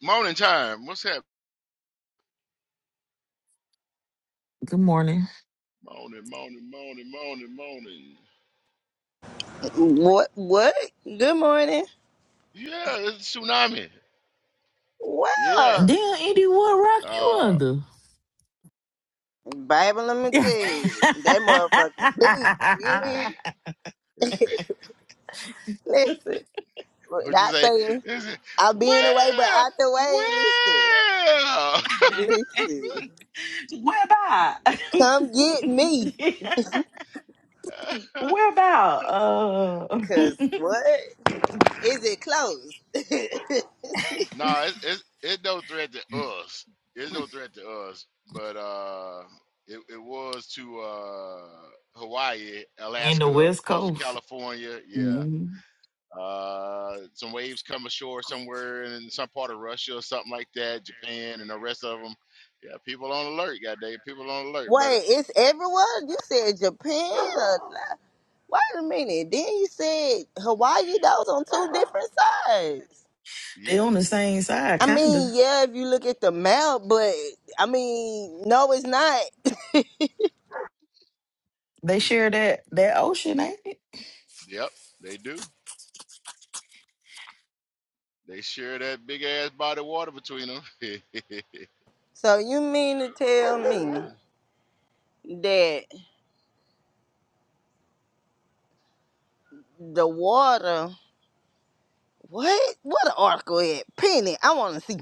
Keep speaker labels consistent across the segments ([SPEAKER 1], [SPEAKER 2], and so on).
[SPEAKER 1] Morning time. What's happening?
[SPEAKER 2] Good morning.
[SPEAKER 1] Morning, morning, morning, morning, morning.
[SPEAKER 3] What? What? Good morning.
[SPEAKER 1] Yeah, it's a tsunami. Yeah.
[SPEAKER 3] Wow.
[SPEAKER 2] Damn, Andy, what rock you
[SPEAKER 1] Uh,
[SPEAKER 2] under?
[SPEAKER 3] Bible, let me tell you, that motherfucker. big, yeah. Listen,
[SPEAKER 1] what'd you
[SPEAKER 3] not
[SPEAKER 1] say?
[SPEAKER 3] saying
[SPEAKER 1] Is it
[SPEAKER 3] I'm being away, but
[SPEAKER 1] where?
[SPEAKER 3] out the way.
[SPEAKER 1] Where?
[SPEAKER 3] Listen, listen.
[SPEAKER 2] Where about?
[SPEAKER 3] Come get me,
[SPEAKER 2] Where about? Uh,
[SPEAKER 3] cause what is it closed?
[SPEAKER 1] no, it's, it's it's no threat to us. It's no threat to us. But uh, it it was to uh Hawaii,
[SPEAKER 2] In the
[SPEAKER 1] Alaska,
[SPEAKER 2] West
[SPEAKER 1] coastal
[SPEAKER 2] Coast.
[SPEAKER 1] California. Yeah.
[SPEAKER 2] Mhm.
[SPEAKER 1] Uh, some waves come ashore somewhere in some part of Russia or something like that, Japan and the rest of them. Yeah, people on alert, goddamn, people on alert. But uh,
[SPEAKER 3] Wait, it's everywhere. You said Japan. Or, wait a minute. Then you said Hawaii. Those on two different sides.
[SPEAKER 2] they
[SPEAKER 1] yeah,
[SPEAKER 2] on the same side,
[SPEAKER 3] I
[SPEAKER 2] kinda.
[SPEAKER 3] mean, yeah, if you look at the map, but I mean, no, it's not.
[SPEAKER 2] They share that that ocean, ain't it?
[SPEAKER 1] yep, they do. They share that big ass body of water between them.
[SPEAKER 3] so you mean to tell
[SPEAKER 1] so
[SPEAKER 3] me that the water? What? What an article at Penny? I want to see.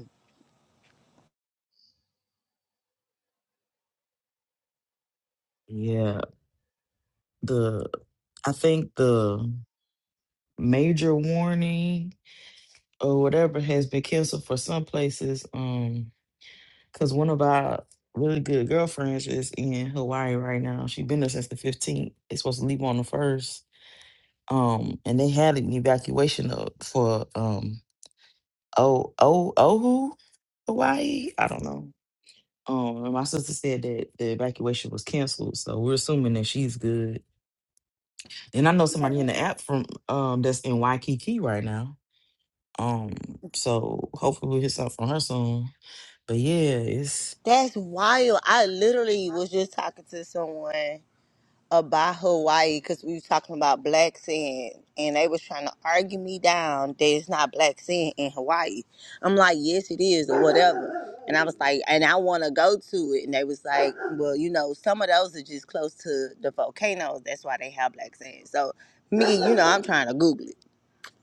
[SPEAKER 2] Yeah, the I think the Major warning. or whatever has been canceled for some places. Um, because one of our really good girlfriends is in Hawaii right now. She's been there since the 15th. It's supposed to leave on the first. Um, and they had an evacuation of, for um oh oh Oahu, Hawaii. I don't know. Um, and my sister said that the evacuation was canceled, so we're assuming that she's good. And I know somebody in the app from um that's in Waikiki right now. Um, so hopefully we'll hear something from her soon. But yeah, it's
[SPEAKER 3] That's wild. I literally was just talking to someone. about Hawaii because we was talking about black sand, and they was trying to argue me down that it's not black sand in Hawaii. I'm like, yes, it is, or whatever. And I was like, and I want to go to it, and they was like, well, you know, some of those are just close to the volcanoes. That's why they have black sand. So me, you know, I'm trying to Google it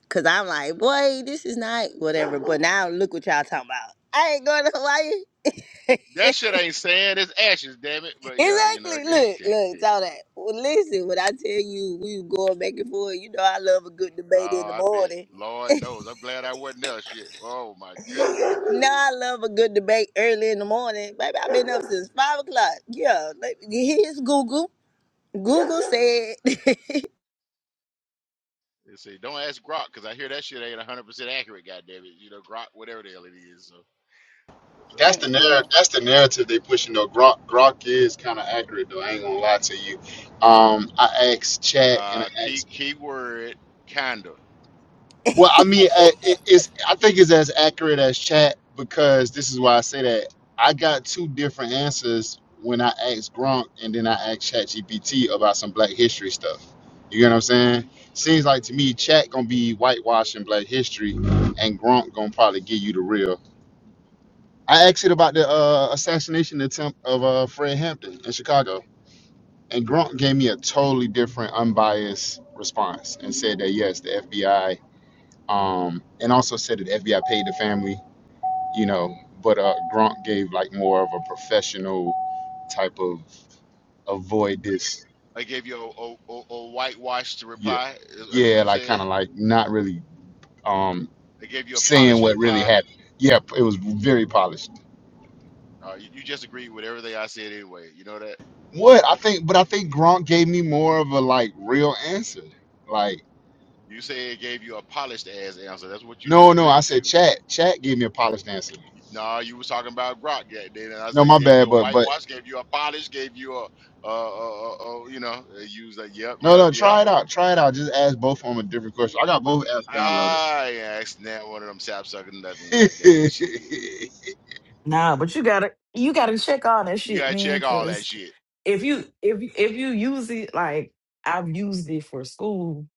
[SPEAKER 3] because I'm like, boy, this is not whatever. But now look what y'all talking about. I ain't going to Hawaii.
[SPEAKER 1] that shit ain't sand, it's ashes, damn it. But yeah, you know, I
[SPEAKER 3] Exactly.
[SPEAKER 1] guess.
[SPEAKER 3] Look, look, it's all that. Well, listen, when I tell you we were going back and forth, you know I love a good
[SPEAKER 1] oh,
[SPEAKER 3] debate in the
[SPEAKER 1] I bet.
[SPEAKER 3] morning.
[SPEAKER 1] Lord knows. I'm glad I wasn't there. Shit. Oh my goodness.
[SPEAKER 3] Now I love a good debate early in the morning. Baby, I've been up since five o'clock. Yeah, like, here's Google. Google said,
[SPEAKER 1] They say don't ask Grok because I hear that shit ain't 100 percent accurate. Goddamn it, you know Grok, whatever the hell it is. So.
[SPEAKER 4] That's the
[SPEAKER 3] Mm-mm.
[SPEAKER 4] narrative. That's the narrative they pushing though. Gronk, Gronk is kind of accurate though. I ain't gonna lie to you. Um, I asked Chat and
[SPEAKER 1] Uh,
[SPEAKER 4] I
[SPEAKER 1] key
[SPEAKER 4] asked.
[SPEAKER 1] keyword kinda.
[SPEAKER 4] Well, I mean, uh, it, it's. I think it's as accurate as Chat because this is why I say that. I got two different answers when I asked Gronk and then I asked Chat GPT about some Black History stuff. You get what I'm saying? Seems like to me, Chat gonna be whitewashing Black History, and Gronk gonna probably give you the real. I asked it about the uh, assassination attempt of uh, Fred Hampton in Chicago, and Grunt gave me a totally different, unbiased response and said that yes, the FBI, um, and also said that the FBI paid the family, you know, but uh, Grunt gave like more of a professional type of avoid this,
[SPEAKER 1] I gave you a, a, a, a whitewashed
[SPEAKER 4] yeah,
[SPEAKER 1] reply. Is, is what
[SPEAKER 4] yeah,
[SPEAKER 1] you
[SPEAKER 4] like kind of
[SPEAKER 1] said?
[SPEAKER 4] like not really um,
[SPEAKER 1] I gave you a
[SPEAKER 4] saying
[SPEAKER 1] polished
[SPEAKER 4] what really
[SPEAKER 1] reply.
[SPEAKER 4] happened. Yeah, it was very polished.
[SPEAKER 1] Uh, you, you just agreed with everything I said anyway. You know that.
[SPEAKER 4] What I think, but I think Gronk gave me more of a like real answer. Like,
[SPEAKER 1] You say it gave you a polished ass answer. That's what you
[SPEAKER 4] no,
[SPEAKER 1] just
[SPEAKER 4] no, I
[SPEAKER 1] agreed
[SPEAKER 4] said
[SPEAKER 1] to.
[SPEAKER 4] chat. Chat gave me a polished answer.
[SPEAKER 1] Nah, you was talking about Grok that day, and I
[SPEAKER 4] No,
[SPEAKER 1] say
[SPEAKER 4] my
[SPEAKER 1] gave
[SPEAKER 4] bad,
[SPEAKER 1] you a
[SPEAKER 4] but but
[SPEAKER 1] whitewash, gave you a polish, gave you a, uh, uh, uh, uh, you know, uh, you was like, yep,
[SPEAKER 4] no,
[SPEAKER 1] yep,
[SPEAKER 4] no,
[SPEAKER 1] yep.
[SPEAKER 4] try it out. Try it out. Just ask both of them a different question. I got both apps downloaded.
[SPEAKER 1] I asked that one of them sap sucking nothing. God damn it, shit.
[SPEAKER 2] nah. But you gotta you gotta check all that
[SPEAKER 1] You
[SPEAKER 2] shit,
[SPEAKER 1] gotta
[SPEAKER 2] man.
[SPEAKER 1] check all that
[SPEAKER 2] Cause
[SPEAKER 1] shit.
[SPEAKER 2] if you if you- if you use it like I've used it for school,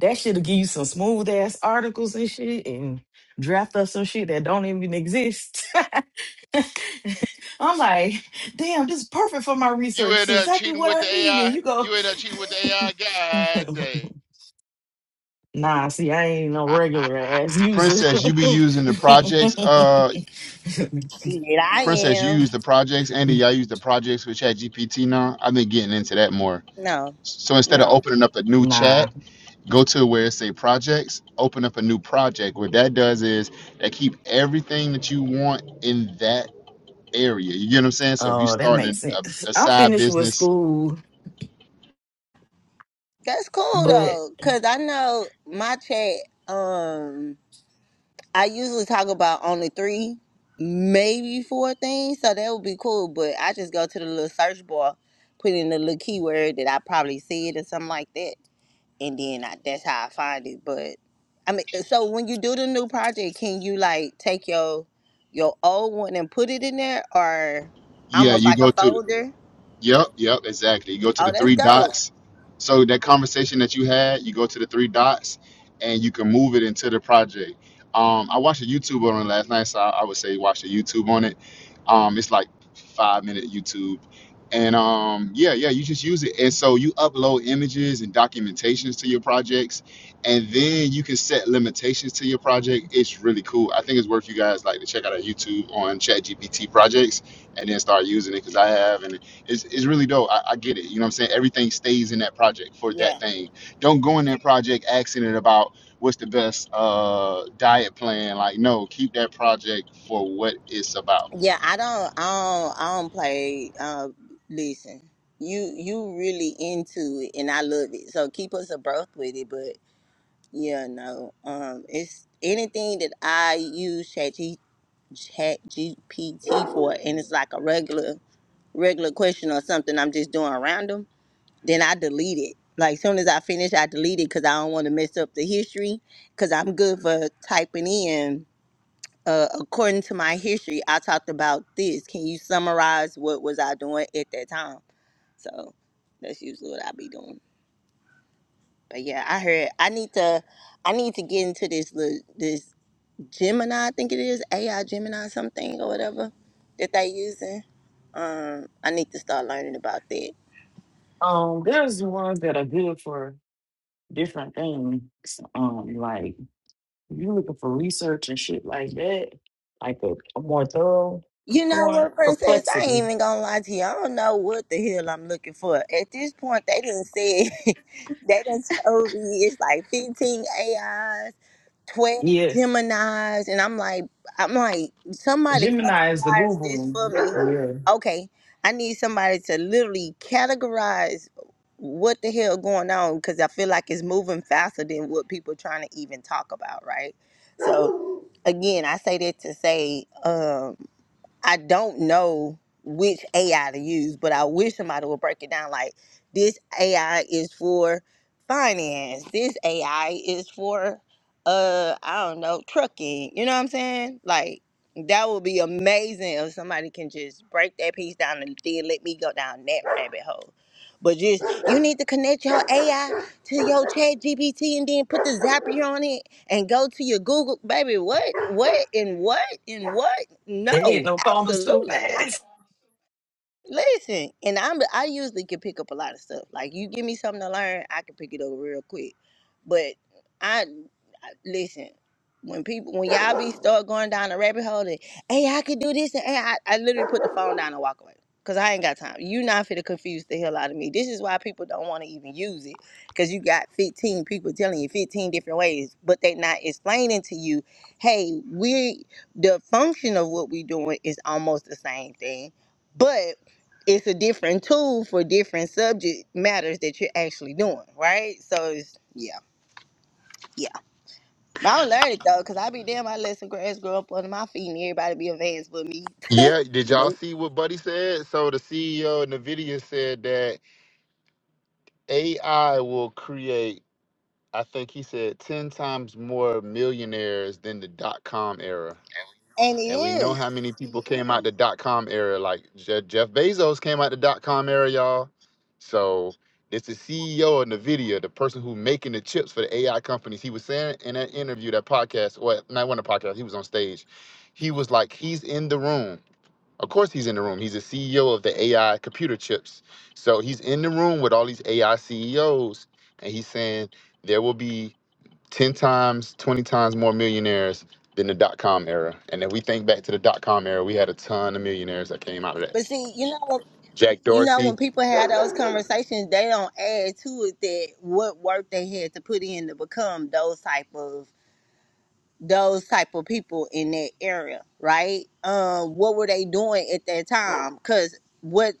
[SPEAKER 2] that shit'll give you some smooth ass articles and shit, and draft up some shit that don't even exist. I'm like, damn, this is perfect for my
[SPEAKER 1] You
[SPEAKER 2] research.
[SPEAKER 1] in
[SPEAKER 2] It's
[SPEAKER 1] there
[SPEAKER 2] exactly
[SPEAKER 1] cheating
[SPEAKER 2] what
[SPEAKER 1] with
[SPEAKER 2] I
[SPEAKER 1] the
[SPEAKER 2] need. And
[SPEAKER 1] AI?
[SPEAKER 2] you go,
[SPEAKER 1] You in there cheating with the AI? God damn.
[SPEAKER 2] nah, see, I ain't no regular ass user.
[SPEAKER 4] Princess, you be using the projects. Uh,
[SPEAKER 3] "Shit, I
[SPEAKER 4] Princess, you
[SPEAKER 3] am."
[SPEAKER 4] use the projects. Andy, y'all use the projects with Chat GPT now. I've been getting into that more.
[SPEAKER 3] No,
[SPEAKER 4] So instead of
[SPEAKER 3] no,
[SPEAKER 4] opening up a new chat.
[SPEAKER 2] nah.
[SPEAKER 4] go to where it say projects open up a new project what that does is that keep everything that you want in that area you get what i'm saying so if you
[SPEAKER 2] Oh, that
[SPEAKER 4] start a,
[SPEAKER 2] makes sense.
[SPEAKER 4] a
[SPEAKER 2] I'm
[SPEAKER 4] side
[SPEAKER 2] finished with
[SPEAKER 4] business
[SPEAKER 2] school,
[SPEAKER 3] that's cool
[SPEAKER 2] but
[SPEAKER 3] though, cause I know my chat. Um, I usually talk about only three, maybe four things, so that would be cool. But I just go to the little search bar, put in the little keyword that I probably said or something like that, and then I, that's how I find it. But I mean, uh, so when you do the new project, can you like take your your old one and put it in there, or
[SPEAKER 4] yeah
[SPEAKER 3] almost
[SPEAKER 4] you
[SPEAKER 3] like a
[SPEAKER 4] go to
[SPEAKER 3] folder?
[SPEAKER 4] Yep, yep, exactly. You go to the
[SPEAKER 3] Oh, that's
[SPEAKER 4] three
[SPEAKER 3] dope.
[SPEAKER 4] dots. So that conversation that you had, you go to the three dots, and you can move it into the project. Um, I watched a YouTube on it last night, so I, I would say watch a YouTube on it. Um, it's like five minute YouTube, and um, yeah, yeah, you just use it. And so you upload images and documentations to your projects, and then you can set limitations to your project. It's really cool. I think it's worth you guys like to check out our YouTube on ChatGPT projects and then start using it because I have and it's, it's really dope. I, I get it. You know what I'm saying? Everything stays in that project for
[SPEAKER 3] Yeah.
[SPEAKER 4] that thing. Don't go in that project asking it about what's the best uh, diet plan. Like, no, keep that project for what it's about.
[SPEAKER 3] Yeah, I don't, I don't, I don't play. Uh, listen, you you really into it, and I love it. So keep us abreast with it. But yeah, no, um, it's anything that I use Chat G, Chat GPT for, and it's like a regular regular question or something I'm just doing random. Then I delete it. Like soon as I finish, I delete it because I don't want to mess up the history. Because I'm good for typing in uh, according to my history, I talked about this. Can you summarize what was I doing at that time? So that's usually what I be doing. But yeah, I heard I need to I need to get into this little this Gemini, I think it is AI Gemini something or whatever that they using. Um, I need to start learning about that.
[SPEAKER 2] um, there's ones that are good for different things. Um, like if you're looking for research and shit like that, like a, a more thorough
[SPEAKER 3] You know
[SPEAKER 2] one.
[SPEAKER 3] what, princess? I
[SPEAKER 2] Perplexity,
[SPEAKER 3] ain't even gonna lie to you. I don't know what the hell I'm looking for at this point. They didn't say they done told me it's like 15 AIs 12
[SPEAKER 2] yeah.
[SPEAKER 3] Geminis, and I'm like, I'm like, somebody
[SPEAKER 2] Gemini is the
[SPEAKER 3] categorize
[SPEAKER 2] Google
[SPEAKER 3] this for
[SPEAKER 2] one,
[SPEAKER 3] me.
[SPEAKER 2] yeah.
[SPEAKER 3] Okay, I need somebody to literally categorize what the hell going on because I feel like it's moving faster than what people trying to even talk about, right? So, again, I say that to say, um, I don't know which AI to use, but I wish somebody would break it down like this AI is for finance. This AI is for uh I don't know, trucking. You know what I'm saying? Like that would be amazing if somebody can just break that piece down and then let me go down that rabbit hole. But just you need to connect your AI to your chat GPT and then put the Zapier on it and go to your Google baby, what? What and what and what?
[SPEAKER 2] They hit
[SPEAKER 3] No,
[SPEAKER 2] no commas too
[SPEAKER 3] absolutely.
[SPEAKER 2] fast.
[SPEAKER 3] Listen, and I'm I usually can pick up a lot of stuff. Like you give me something to learn, I can pick it up real quick. But I, I listen when people when y'all be start going down a rabbit hole and hey I could do this and hey, I I literally put the phone down and walk away because I ain't got time. You not finna confuse the hell out of me. This is why people don't want to even use it because you got 15 people telling you 15 different ways, but they not explaining to you, hey, we the function of what we doing is almost the same thing. But it's a different tool for different subject matters that you're actually doing, right? So it's yeah, yeah. But I don't learn it though, cause I be damn I let some grass grow up under my feet and everybody be advanced with me.
[SPEAKER 4] Yeah, did y'all
[SPEAKER 3] Nope.
[SPEAKER 4] see what Buddy said? So the CEO of Nvidia said that AI will create, I think he said, 10 times more millionaires than the dot com era.
[SPEAKER 3] And it
[SPEAKER 4] And we know how
[SPEAKER 3] is.
[SPEAKER 4] many people came out the dot com era. Like Je- Jeff Bezos came out the dot com era, y'all. So it's the CEO of NVIDIA, the person who making the chips for the AI companies. He was saying in that interview, that podcast, well, not one of the podcast, he was on stage. He was like, he's in the room. Of course he's in the room. He's the CEO of the AI computer chips. So he's in the room with all these AI CEOs. And he's saying there will be 10 times, 20 times more millionaires than the dot com era. And if we think back to the dot com era, we had a ton of millionaires that came out of that.
[SPEAKER 3] But see, you know
[SPEAKER 4] Jack
[SPEAKER 3] you know
[SPEAKER 4] Dorsey.
[SPEAKER 3] when people have those conversations, they don't add to it that what work they had to put in to become those type of those type of people in that area, right? Um, what were they doing at that time? Because what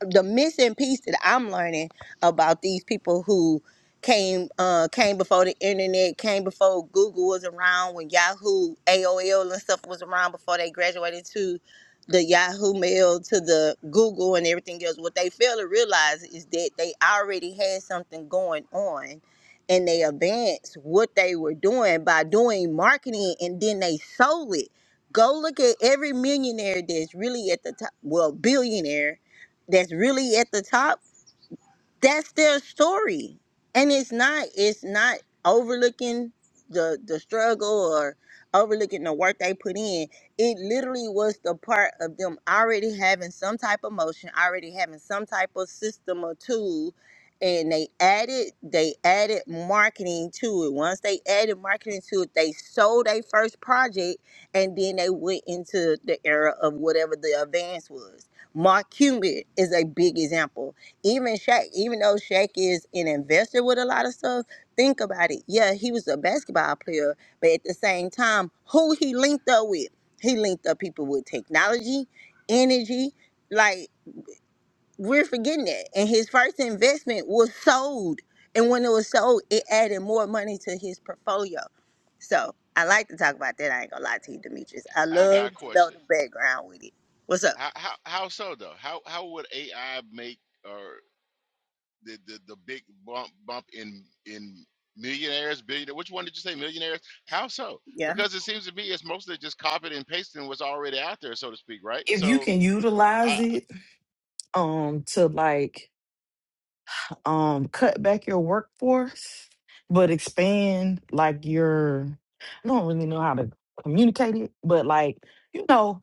[SPEAKER 3] the missing piece that I'm learning about these people who came uh, came before the internet, came before Google was around, when Yahoo, AOL, and stuff was around before they graduated to the Yahoo Mail to the Google and everything else. What they fail to realize is that they already had something going on and they advanced what they were doing by doing marketing and then they sold it. Go look at every millionaire that's really at the top, well, billionaire that's really at the top that's their story and it's not it's not overlooking the the struggle or overlooking the work they put in it literally was the part of them already having some type of motion already having some type of system or tool and they added they added marketing to it once they added marketing to it they sold their first project and then they went into the era of whatever the advance was mark cuban is a big example even Shaq, even though Shaq is an investor with a lot of stuff, think about it. Yeah, he was a basketball player, but at the same time, who he linked up with? He linked up people with technology, energy. Like, we're forgetting that. And his first investment was sold. And when it was sold, it added more money to his portfolio. So I like to talk about that. I ain't gonna lie to you, Demetrius. I
[SPEAKER 1] I got a
[SPEAKER 3] love to know
[SPEAKER 1] question.
[SPEAKER 3] the background with it. What's up?
[SPEAKER 1] How, how how so though? How how would AI make or the, the, the big bump bump in in millionaires, billionaires? Which one did you say millionaires? How so?
[SPEAKER 3] Yeah.
[SPEAKER 1] Because it seems to me it's mostly just copying and pasting what's already out there, so to speak, right?
[SPEAKER 2] If you
[SPEAKER 1] So
[SPEAKER 2] can
[SPEAKER 1] I
[SPEAKER 2] utilize
[SPEAKER 1] I-
[SPEAKER 2] it, um, to like um cut back your workforce but expand like your I don't really know how to communicate it, but like you know,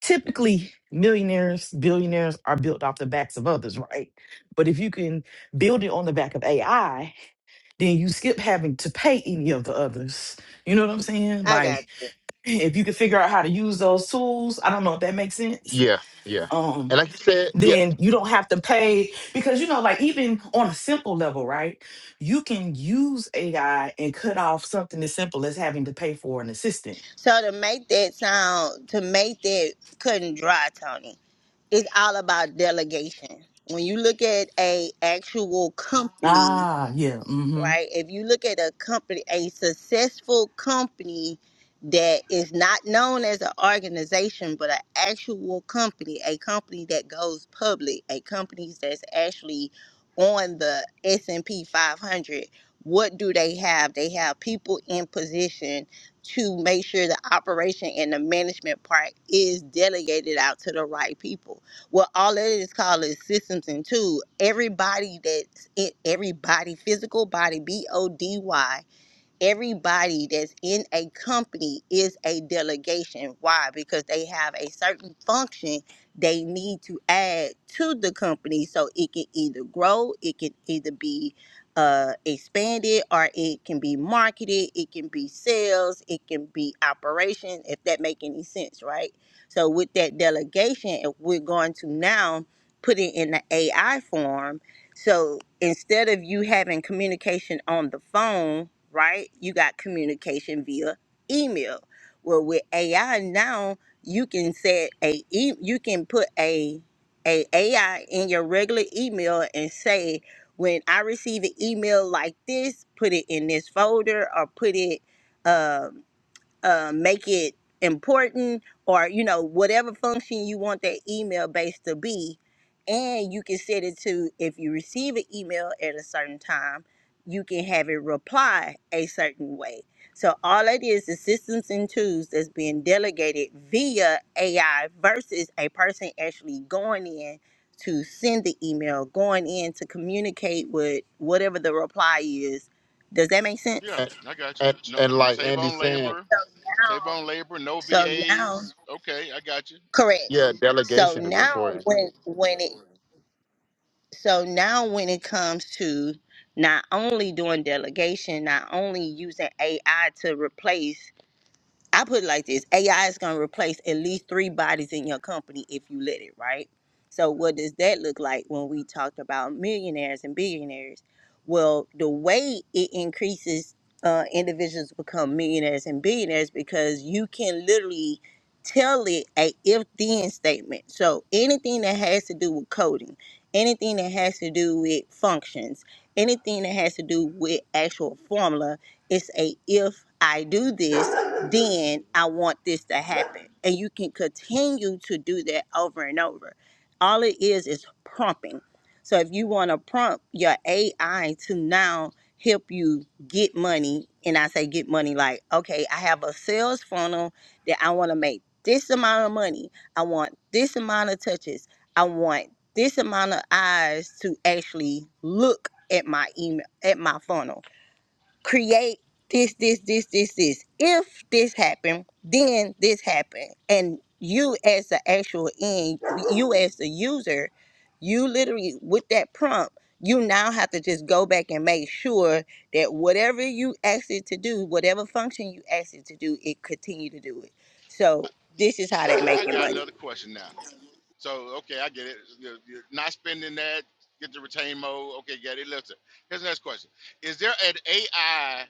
[SPEAKER 2] typically millionaires, billionaires are built off the backs of others, right? But if you can build it on the back of AI, then you skip having to pay any of the others. You know what I'm saying?
[SPEAKER 3] I got
[SPEAKER 2] Like if you can figure out how to use those tools, I don't know if that makes sense.
[SPEAKER 4] Yeah, yeah.
[SPEAKER 2] Um,
[SPEAKER 4] And like you said, yeah.
[SPEAKER 2] then you don't have to pay because you know like even on a simple level right you can use ai and cut off something as simple as having to pay for an assistant
[SPEAKER 3] So to make that sound, to make that cut and dry, Tony, it's all about delegation. When you look at a actual company
[SPEAKER 2] ah yeah mm-hmm
[SPEAKER 3] right? If you look at a company, a successful company that is not known as an organization, but an actual company, a company that goes public, a company that's actually on the S and P 500. What do they have? They have people in position to make sure the operation and the management part is delegated out to the right people well, all that is called is systems and two. Everybody that's in everybody, physical body, B O D Y everybody that's in a company is a delegation. Why? Because they have a certain function they need to add to the company so it can either grow, it can either be uh, expanded, or it can be marketed, it can be sales, it can be operation, if that make any sense, right? So with that delegation, if we're going to now put it in the AI form, so instead of you having communication on the phone, right, you got communication via email. Well, with AI now, you can set a e- you can put a a AI in your regular email and say, when I receive an email like this, put it in this folder or put it. uh, uh, make it important or you know whatever function you want that email base to be and you can set it to if you receive an email at a certain time you can have it reply a certain way so all it is is systems and tools that's being delegated via ai versus a person actually going in to send the email going in to communicate with whatever the reply is does that make sense
[SPEAKER 1] yeah,
[SPEAKER 4] And,
[SPEAKER 1] I got you.
[SPEAKER 4] and,
[SPEAKER 1] No,
[SPEAKER 4] and
[SPEAKER 1] you
[SPEAKER 4] like
[SPEAKER 1] save
[SPEAKER 4] Andy's
[SPEAKER 1] on
[SPEAKER 4] saying,
[SPEAKER 1] labor,
[SPEAKER 3] so
[SPEAKER 1] save
[SPEAKER 3] now
[SPEAKER 1] on labor. No
[SPEAKER 3] so now
[SPEAKER 1] VAs. Okay, I got you.
[SPEAKER 3] Correct.
[SPEAKER 4] yeah,
[SPEAKER 3] So
[SPEAKER 4] delegation is
[SPEAKER 3] now
[SPEAKER 4] important.
[SPEAKER 3] when when it so now when it comes to not only doing delegation, not only using AI to replace I put it like this AI is going to replace at least three bodies in your company if you let it, right? So, what does that look like when we talked about millionaires and billionaires? Well, the way it increases uh, individuals become millionaires and billionaires because you can literally tell it a if then statement. So, anything that has to do with coding, anything that has to do with functions, anything that has to do with actual formula, it's a if I do this then I want this to happen. And you can continue to do that over and over. All it is is prompting. So if you want to prompt your AI to now help you get money, and I say get money like, okay, I have a sales funnel that I want to make this amount of money. I want this amount of touches. I want this amount of eyes to actually look at my email at my funnel create this, this, this, this, this. If this happened, then this happened. And you, as the actual end, you as the user, you literally with that prompt, you now have to just go back and make sure that whatever you asked it to do, whatever function you asked it to do, it continue to do it. So this is how they are
[SPEAKER 1] I
[SPEAKER 3] making
[SPEAKER 1] got
[SPEAKER 3] money.
[SPEAKER 1] another question now. So, okay, I get it. You're, you're not spending that. Get the retain mode. Okay, get it. Listen, here's the next question: Is there an AI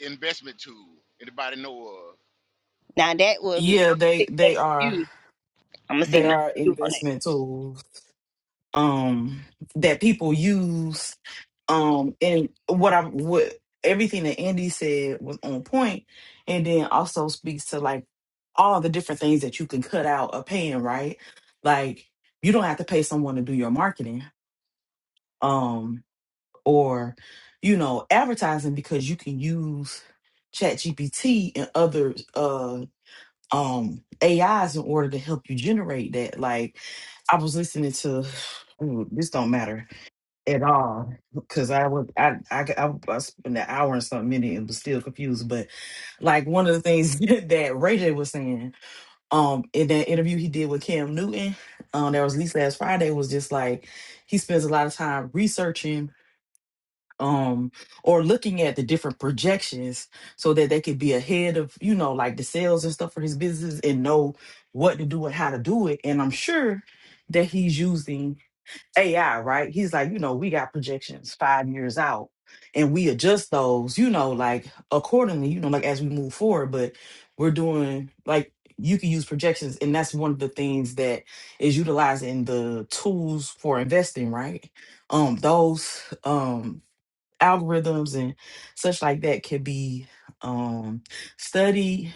[SPEAKER 1] investment tool anybody know of?
[SPEAKER 3] Now that would mean
[SPEAKER 2] yeah
[SPEAKER 3] I'm gonna
[SPEAKER 2] they
[SPEAKER 3] sit
[SPEAKER 2] they
[SPEAKER 3] next to you.
[SPEAKER 2] are
[SPEAKER 3] I'm gonna sit
[SPEAKER 2] they
[SPEAKER 3] next
[SPEAKER 2] are
[SPEAKER 3] to you on that.
[SPEAKER 2] investment tools um that people use um and what i what everything that andy said was on point and then also speaks to like all the different things that you can cut out of paying right like you don't have to pay someone to do your marketing um or you know advertising because you can use chat gpt and other uh um ais in order to help you generate that like i was listening to ooh, this don't matter at all because I would I I I, I spent an hour and something minute and was still confused. But like one of the things that Ray J was saying, um, in that interview he did with Cam Newton, um, that was released last Friday, was just like he spends a lot of time researching um or looking at the different projections so that they could be ahead of you know like the sales and stuff for his business and know what to do and how to do it and i'm sure that he's using AI, right? He's like, you know, we got projections five years out and we adjust those, you know, like accordingly, you know, like as we move forward. But we're doing like you can use projections, and that's one of the things that is utilized in the tools for investing, right? Um, those um algorithms and such like that can be um studied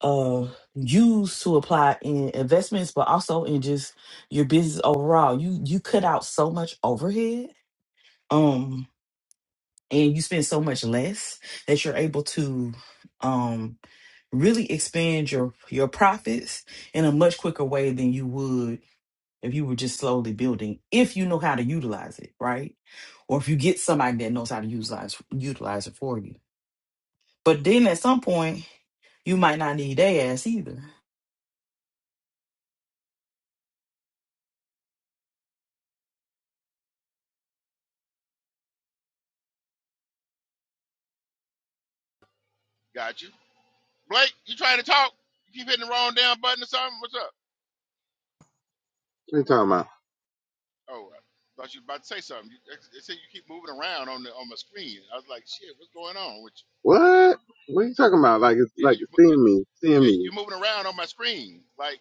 [SPEAKER 2] uh use to apply in investments but also in just your business overall you you cut out so much overhead um and you spend so much less that you're able to um really expand your your profits in a much quicker way than you would if you were just slowly building if you know how to utilize it right or if you get somebody that knows how to utilize utilize it for you but then at some point you might not need their ass either
[SPEAKER 1] Got you, Blake. You trying to talk? You keep hitting the wrong damn button or something. What's up?
[SPEAKER 5] What are you talking about?
[SPEAKER 1] Oh, well, I thought you was about to say something. You, it said you keep moving around on the on my screen. I was like, shit, what's going on? Which,
[SPEAKER 5] What? What are you talking about? Like it's
[SPEAKER 1] yeah,
[SPEAKER 5] like
[SPEAKER 1] you,
[SPEAKER 5] it's
[SPEAKER 1] you
[SPEAKER 5] seeing me, seeing
[SPEAKER 1] yeah,
[SPEAKER 5] me.
[SPEAKER 1] you're moving around on my screen. Like,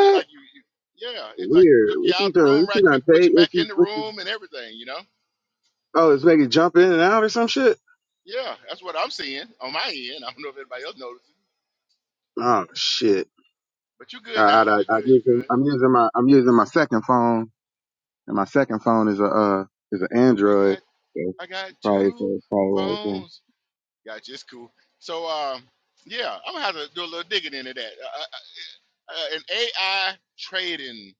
[SPEAKER 1] It's like you, you yeah, it's like
[SPEAKER 5] Weird.
[SPEAKER 1] took you
[SPEAKER 5] What
[SPEAKER 1] out
[SPEAKER 5] you
[SPEAKER 1] of the
[SPEAKER 5] doing?
[SPEAKER 1] room
[SPEAKER 5] What
[SPEAKER 1] right
[SPEAKER 5] you gonna
[SPEAKER 1] quick, put
[SPEAKER 5] take?
[SPEAKER 1] you
[SPEAKER 5] What
[SPEAKER 1] back
[SPEAKER 5] you?
[SPEAKER 1] in the
[SPEAKER 5] What you?
[SPEAKER 1] room and everything, you know?
[SPEAKER 5] Oh, it's making jump in and out or some shit.
[SPEAKER 1] Yeah, that's what I'm seeing on my end. I don't know if anybody else notices,
[SPEAKER 5] Oh shit.
[SPEAKER 1] but you're
[SPEAKER 5] I,
[SPEAKER 1] good
[SPEAKER 5] I,
[SPEAKER 1] now.
[SPEAKER 5] I, I'm
[SPEAKER 1] You're good.
[SPEAKER 5] using
[SPEAKER 1] You're good.
[SPEAKER 5] I'm using my I'm using my second phone, and my second phone is a uh is an
[SPEAKER 1] I got
[SPEAKER 5] Android. So
[SPEAKER 1] I got
[SPEAKER 5] it's probably so
[SPEAKER 1] two
[SPEAKER 5] it's probably right there.
[SPEAKER 1] phones. Gotcha. It's cool. So um, yeah, I'm gonna have to do a little digging into that. Uh, uh, uh, uh, an AI trading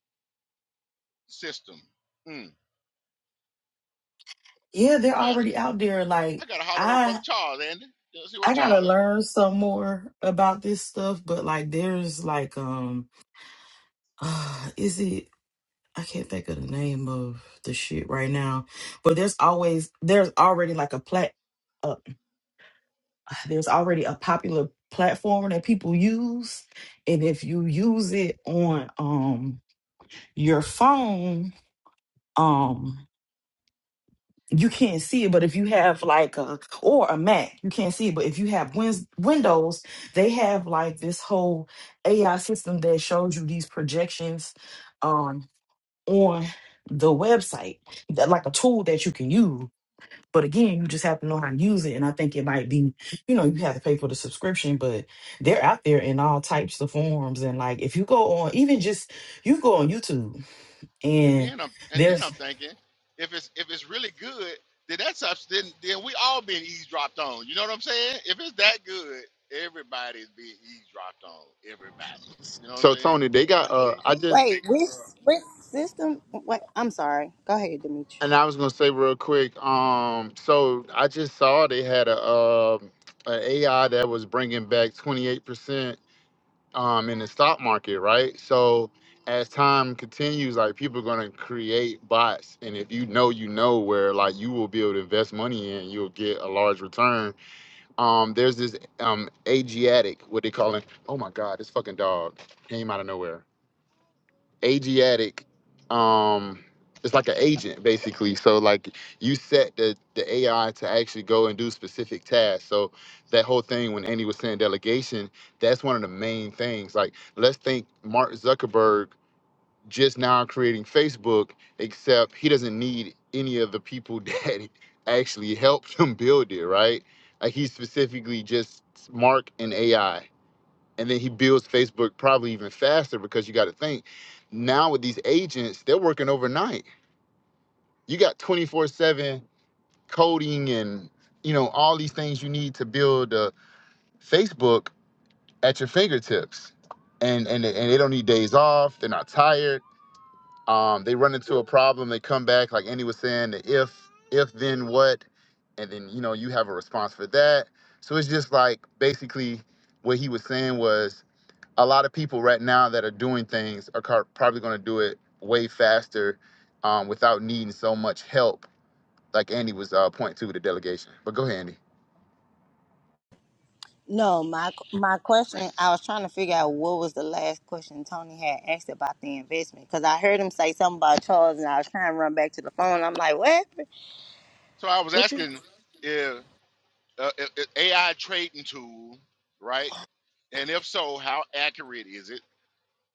[SPEAKER 1] system. Hmm.
[SPEAKER 2] Yeah, they're
[SPEAKER 1] I got
[SPEAKER 2] already out there.
[SPEAKER 1] I
[SPEAKER 2] Like
[SPEAKER 1] got to holler at old brother
[SPEAKER 2] I
[SPEAKER 1] Charles, Andy. You know, see what
[SPEAKER 2] I gotta
[SPEAKER 1] Charles?
[SPEAKER 2] learn some more about this stuff, but like there's like um uh, is it I can't think of the name of the shit right now. But there's always there's already like a plat uh, there's already a popular platform that people use. And if you use it on um your phone, um. you can't see it, but if you have like a or a Mac, you can't see it. But if you have wins, Windows, they have like this whole AI system that shows you these projections um, on the website, that, like a tool that you can use. But again, you just have to know how to use it. And I think it might be, you know, you have to pay for the subscription, but they're out there in all types of forms. And like if you go on, even just you go on YouTube
[SPEAKER 1] And
[SPEAKER 2] and
[SPEAKER 1] then I'm and then
[SPEAKER 2] there's
[SPEAKER 1] I'm thinking, if it's if it's really good, then that's us then then we all being eavesdropped on. You know what I'm saying? If it's that good, everybody's being eavesdropped on. Everybody. You know what
[SPEAKER 4] So
[SPEAKER 1] I'm saying?
[SPEAKER 4] Tony, they got uh I just
[SPEAKER 3] Wait, which which system? Wait, I'm sorry. Go ahead, Demetri.
[SPEAKER 4] and I was gonna say real quick, um, so I just saw they had a um an AI that was bringing back 28% um, in the stock market, right? So as time continues, like people are gonna create bots, and if you know, you know where like you will be able to invest money in, you'll get a large return. Um, there's this um Asiatic, what they call it? Oh my God, this fucking dog came out of nowhere. Asiatic um it's like an agent basically. So like you set the the AI to actually go and do specific tasks. So that whole thing when Andy was saying delegation, that's one of the main things. Like let's think Mark Zuckerberg just now creating Facebook, except he doesn't need any of the people that actually helped him build it, right? Like he specifically just Mark and AI and then he builds Facebook probably even faster because you got to think now with these agents, they're working overnight. You got 24/7 coding and you know all these things you need to build a Facebook at your fingertips. And and and they don't need days off. They're not tired. Um, they run into a problem. They come back like Andy was saying. The if if then what, and then you know you have a response for that. So it's just like basically what he was saying was a lot of people right now that are doing things are car- probably going to do it way faster um, without needing so much help, like Andy was uh, pointing to with the delegation. But go ahead, Andy.
[SPEAKER 3] No, my my
[SPEAKER 1] For
[SPEAKER 3] question. I
[SPEAKER 1] instance.
[SPEAKER 3] was trying to figure out what was the last question Tony had asked about the investment because I heard him say something about Charles, and I was trying to run back to the phone. I'm like, what? happened?
[SPEAKER 1] So I was
[SPEAKER 3] What you?
[SPEAKER 1] asking if, uh, if, if AI trading tool, right? And if so, how accurate is it?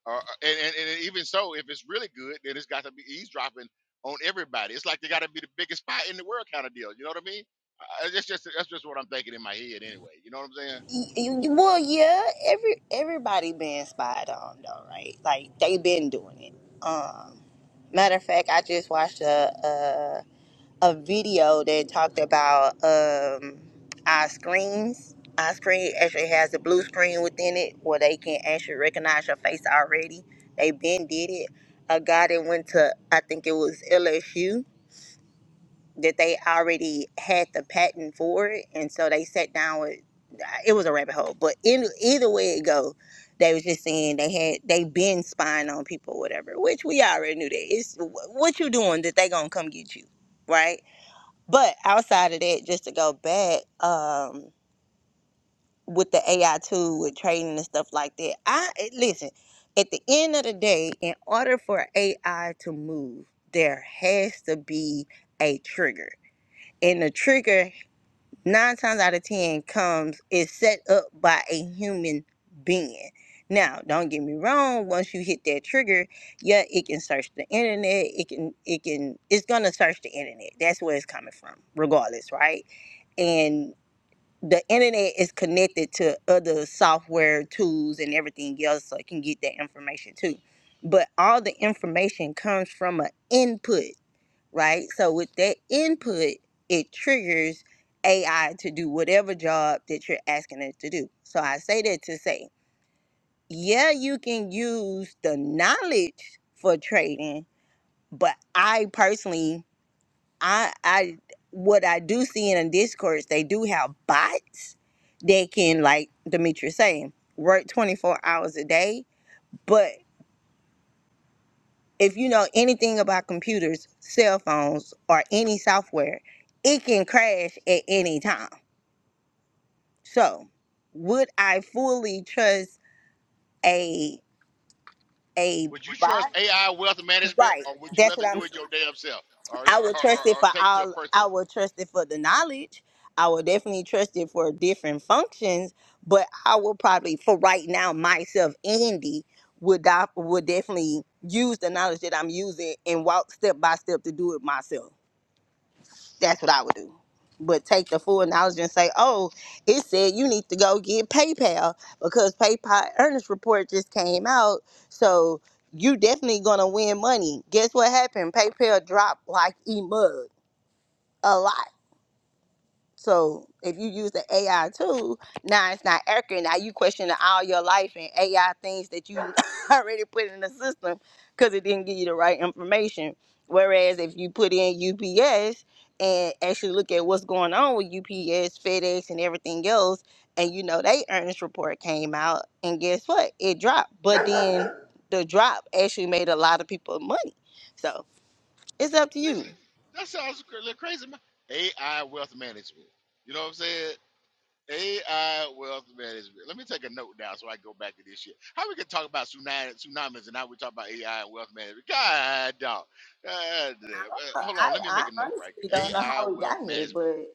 [SPEAKER 1] Uh, and, and, and even so, if it's really good, then it's got to be eavesdropping on everybody. It's like they got to be the biggest spy in the world kind of deal. You know what I mean? Uh, that's just that's just what I'm thinking in my head anyway. You know what I'm saying?
[SPEAKER 3] Y- y- Well, yeah. Every everybody been spied on though, right? Like they been doing it. Um, matter of fact, I just watched a a video that talked about um, our screens. Our screen actually has a blue screen within it where they can actually recognize your face already. They been did it. A guy that went to I think it was LSU that they already had the patent for it, and so they sat down with. It was a rabbit hole, but in, either way it go, they was just saying they had they been spying on people, or whatever. Which we already knew that it's what you doing that they gonna come get you, right? But outside of that, just to go back um, with the AI tool, with training and stuff like that, I eh, listen. At the end of the day, in order for AI to move, there has to be a trigger, and the trigger nine times out of ten comes is set up by a human being. Now, don't get me wrong, once you hit that trigger, yeah, it can search the internet. It can it can it's gonna search the internet. That's where it's coming from, regardless, right? And the internet is connected to other software tools and everything else so it can get that information too. But all the information comes from an input right? So with that input, it triggers AI to do whatever job that you're asking it to do. So I say that to say, yeah, you can use the knowledge for trading, but I personally, I, I, what I do see in a discourse, they do have bots that can, like Demetrius saying, work 24 hours a day, if you know anything about computers, cell phones, or any software, it can crash at any time. So, would I fully trust a a
[SPEAKER 1] Would you
[SPEAKER 3] bot?
[SPEAKER 1] trust AI wealth management,
[SPEAKER 3] Right.
[SPEAKER 1] or would you
[SPEAKER 3] That's
[SPEAKER 1] rather
[SPEAKER 3] what I'm
[SPEAKER 1] do it
[SPEAKER 3] saying.
[SPEAKER 1] your damn self, or or, or,
[SPEAKER 3] I would trust it
[SPEAKER 1] or
[SPEAKER 3] for
[SPEAKER 1] take it to a
[SPEAKER 3] all
[SPEAKER 1] person?
[SPEAKER 3] I would trust it for the knowledge. I would definitely trust it for different functions, but I will probably for right now myself, Andy, would I would definitely use the knowledge that I'm using and walk step by step to do it myself. That's what I would do. But take the full knowledge and say, oh, it said you need to go get PayPal because PayPal earnings report just came out. So you definitely gonna win money. Guess what happened? PayPal dropped like e mug a lot. So if you use the AI tool, now it's not accurate. Now you questioning all your life and AI things that you already put in the system because it didn't give you the right information. Whereas if you put in UPS and actually look at what's going on with UPS, FedEx, and everything else, and you know they earnings report came out, and guess what? It dropped. But then the drop actually made a lot of people money. So it's up to you.
[SPEAKER 1] Listen, that sounds a little crazy. Man. AI wealth management. You know what I'm saying? AI wealth management. Let me take a note down so I go back to this shit. How we can talk about tsunami, tsunamis and now we talk about AI and wealth management. God, dog. God damn. Uh, Hold
[SPEAKER 3] I,
[SPEAKER 1] on. Let me
[SPEAKER 3] I
[SPEAKER 1] make a note right
[SPEAKER 3] honestly
[SPEAKER 1] there.
[SPEAKER 3] don't know
[SPEAKER 1] AI
[SPEAKER 3] how we got
[SPEAKER 1] wealth
[SPEAKER 3] here,
[SPEAKER 1] management.
[SPEAKER 3] but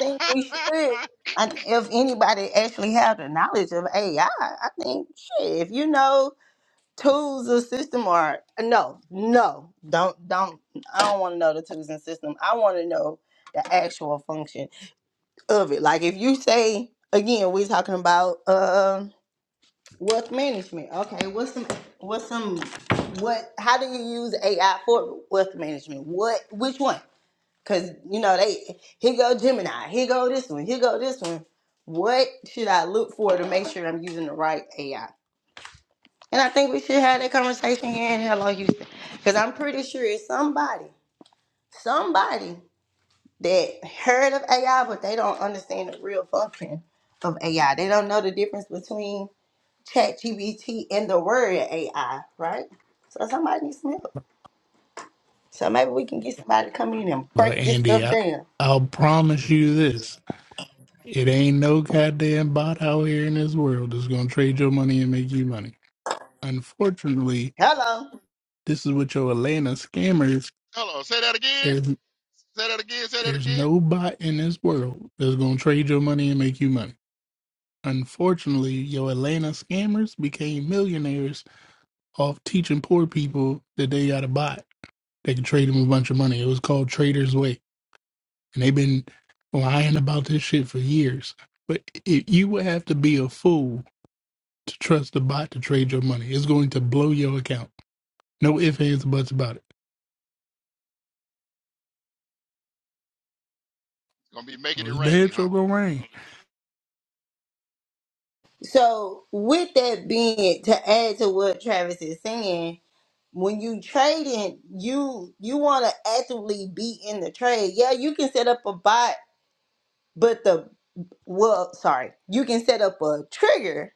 [SPEAKER 3] think we should. I, if anybody actually have the knowledge of AI, I I think shit. If you know tools or system or no, no, don't don't. I don't want to know the tools and system. I want to know the actual function of it. Like if you say again, we're talking about uh, wealth management. Okay, what's some what's some what? How do you use AI for wealth management? What? Which one? Cause you know they here go Gemini, here go this one, here go this one. What should I look for to make sure I'm using the right AI? And I think we should have that conversation here in Hello Houston, because I'm pretty sure it's somebody, somebody that heard of AI, but they don't understand the real function of AI. They don't know the difference between ChatGPT and the word AI, right? So somebody needs some help. So maybe we can get somebody to come in and
[SPEAKER 6] Well,
[SPEAKER 3] break this
[SPEAKER 6] Andy,
[SPEAKER 3] stuff
[SPEAKER 6] I,
[SPEAKER 3] down.
[SPEAKER 6] I'll promise you this. It ain't no goddamn bot out here in this world that's going to trade your money and make you money. Unfortunately,
[SPEAKER 3] Hello.
[SPEAKER 6] this is what your Atlanta scammers,
[SPEAKER 1] Hold on. Say that again.
[SPEAKER 6] there's,
[SPEAKER 1] Say that again. Say that
[SPEAKER 6] there's
[SPEAKER 1] again.
[SPEAKER 6] no bot in this world that's going to trade your money and make you money. Unfortunately, your Atlanta scammers became millionaires off teaching poor people that they got a bot. They could trade them a bunch of money. It was called Trader's Way. and they've been lying about this shit for years. But it, you would have to be a fool to trust the bot to trade your money. It's going to blow your account. No ifs, ands, or buts about it.
[SPEAKER 1] Gonna be making it
[SPEAKER 6] It's damn
[SPEAKER 1] rain, huh?
[SPEAKER 6] sure gonna rain.
[SPEAKER 3] So, with that being to add to what Travis is saying, when you trading, you you want to actively be in the trade. Yeah, you can set up a bot, but the well, sorry, you can set up a trigger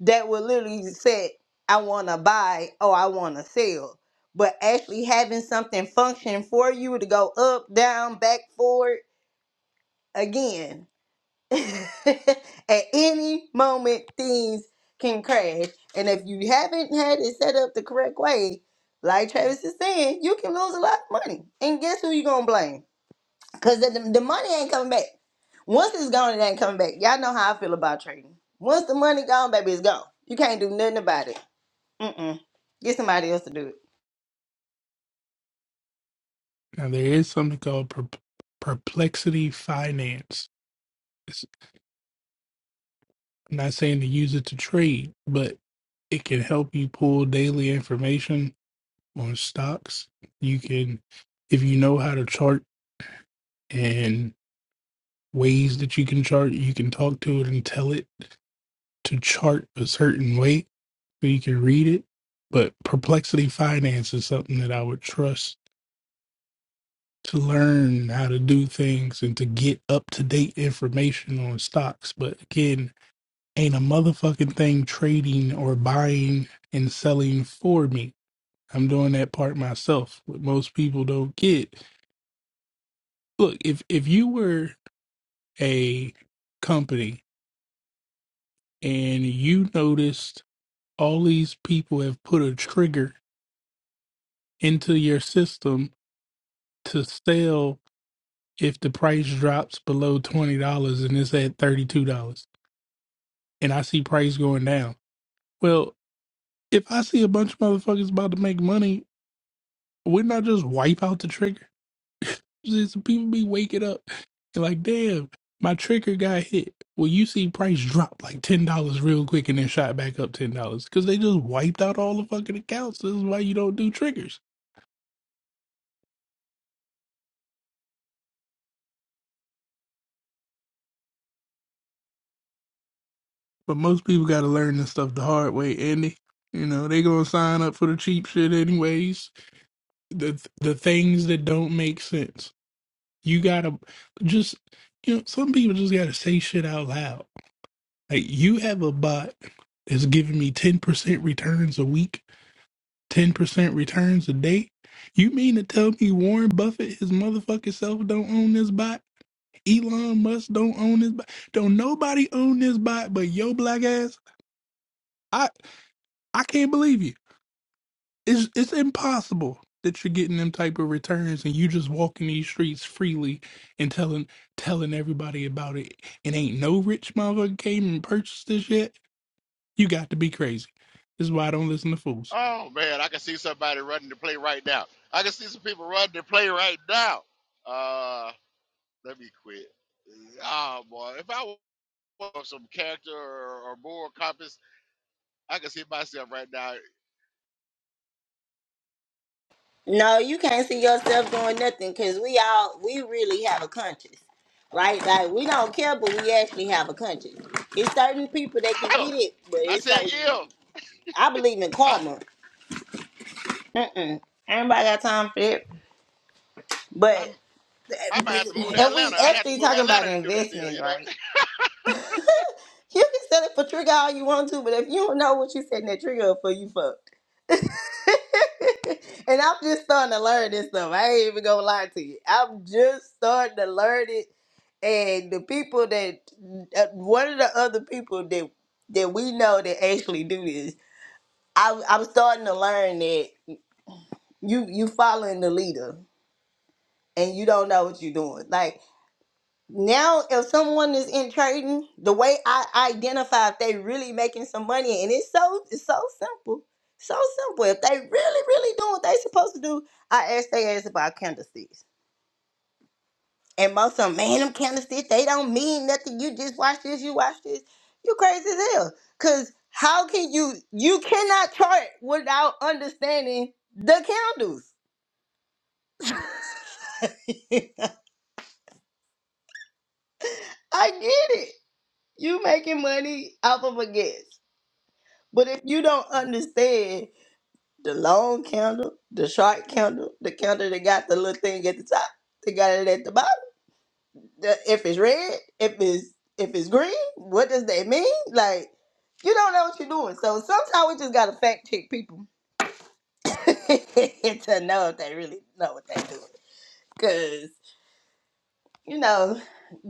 [SPEAKER 3] that will literally set I want to buy or I want to sell. But actually having something function for you to go up, down, back, forward again At any moment, things can crash. And if you haven't had it set up the correct way, like Travis is saying, you can lose a lot of money. And guess who you going to blame? Because the, the money ain't coming back. Once it's gone, it ain't coming back. Y'all know how I feel about trading. Once the money gone, baby, it's gone. You can't do nothing about it. Mm-mm. Get somebody else to do it.
[SPEAKER 6] Now there is something called per- perplexity finance. It's, I'm not saying to use it to trade, but it can help you pull daily information on stocks. You can, if you know how to chart and ways that you can chart, you can talk to it and tell it to chart a certain way so you can read it. But Perplexity Finance is something that I would trust to learn how to do things and to get up to date information on stocks. But again, ain't a motherfucking thing trading or buying and selling for me. I'm doing that part myself. What most people don't get. Look, if if you were a company and you noticed all these people have put a trigger into your system to sell if the price drops below $20 and it's at $32 and I see price going down. Well, if I see a bunch of motherfuckers about to make money, wouldn't I just wipe out the trigger? Just people be waking up and like, damn, my trigger got hit. Well, you see price drop like $10 real quick and then shot back up $10 because they just wiped out all the fucking accounts. This is why you don't do triggers But most people got to learn this stuff the hard way, Andy. You know, they going to sign up for the cheap shit anyways. The the things that don't make sense. You got to just, you know, some people just got to say shit out loud. Like, you have a bot that's giving me 10% returns a week, 10% returns a day. You mean to tell me Warren Buffett, his motherfucking self, don't own this bot? Elon Musk don't own this bot? Don't nobody own this bot but your black ass? I I can't believe you. It's it's impossible that you're getting them type of returns and you just walking these streets freely and telling telling everybody about it. And ain't no rich motherfucker came and purchased this yet. You got to be crazy. This is why I don't listen to fools.
[SPEAKER 1] Oh man, I can see somebody running to play right now. I can see some people running to play right now. Uh, let me quit. Ah, boy. If I or some character or, or moral compass, I can see myself right now.
[SPEAKER 3] No, you can't see yourself doing nothing because we all we really have a conscience, right? Like we don't care, but we actually have a conscience. It's certain people that can get
[SPEAKER 1] If
[SPEAKER 3] it, but
[SPEAKER 1] I
[SPEAKER 3] it's
[SPEAKER 1] said
[SPEAKER 3] certain.
[SPEAKER 1] if
[SPEAKER 3] I believe in
[SPEAKER 1] I
[SPEAKER 3] karma. Mm-mm. Everybody got time for it,
[SPEAKER 1] I'm,
[SPEAKER 3] but
[SPEAKER 1] I might
[SPEAKER 3] eh,
[SPEAKER 1] have to move to
[SPEAKER 3] and we
[SPEAKER 1] Atlanta. I'd have to
[SPEAKER 3] actually
[SPEAKER 1] move to
[SPEAKER 3] talking about
[SPEAKER 1] Atlanta to do that deal,
[SPEAKER 3] investments,
[SPEAKER 1] you know.
[SPEAKER 3] right? You can sell it for trigger all you want to, but if you don't know what you setting that trigger up for, you fucked. and I'm just starting to learn this stuff. I ain't even gonna lie to you. I'm just starting to learn it and the people that uh, one of the other people that that we know that actually do this I, i'm starting to learn that you you following the leader and you don't know what you're doing like now if someone is in trading the way i identify if they really making some money and it's so it's so simple so simple if they really really doing what they supposed to do i ask they ask about candlesticks And most of them, man, them candlesticks, they don't mean nothing. You just watch this, you watch this. You crazy as hell. Cause how can you you cannot chart without understanding the candles. I get it. You making money off of a guess. But if you don't understand the long candle, the short candle, the candle that got the little thing at the top, they got it at the bottom the- if it's red, if it's if it's green, what does that mean? Like, you don't know what you're doing. So sometimes we just gotta fact check people to know if they really know what they're doing. Cause you know,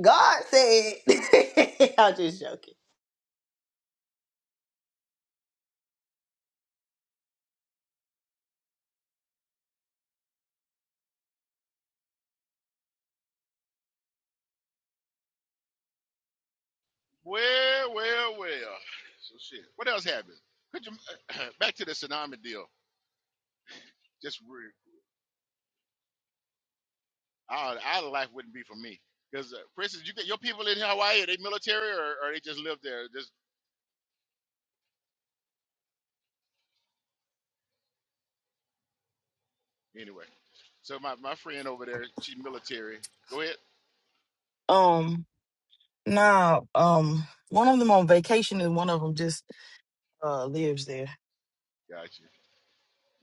[SPEAKER 3] God said. I'm just joking.
[SPEAKER 1] Well, well, well. So shit. What else happened? Could you back to the tsunami deal? Just re- our our life wouldn't be for me because, uh, for instance, you get your people in Hawaii. Are they military or, or they just live there? Just anyway. So my, my friend over there, she military. Go ahead.
[SPEAKER 2] um. Nah, um, one of them on vacation and one of them just uh lives there.
[SPEAKER 1] Gotcha.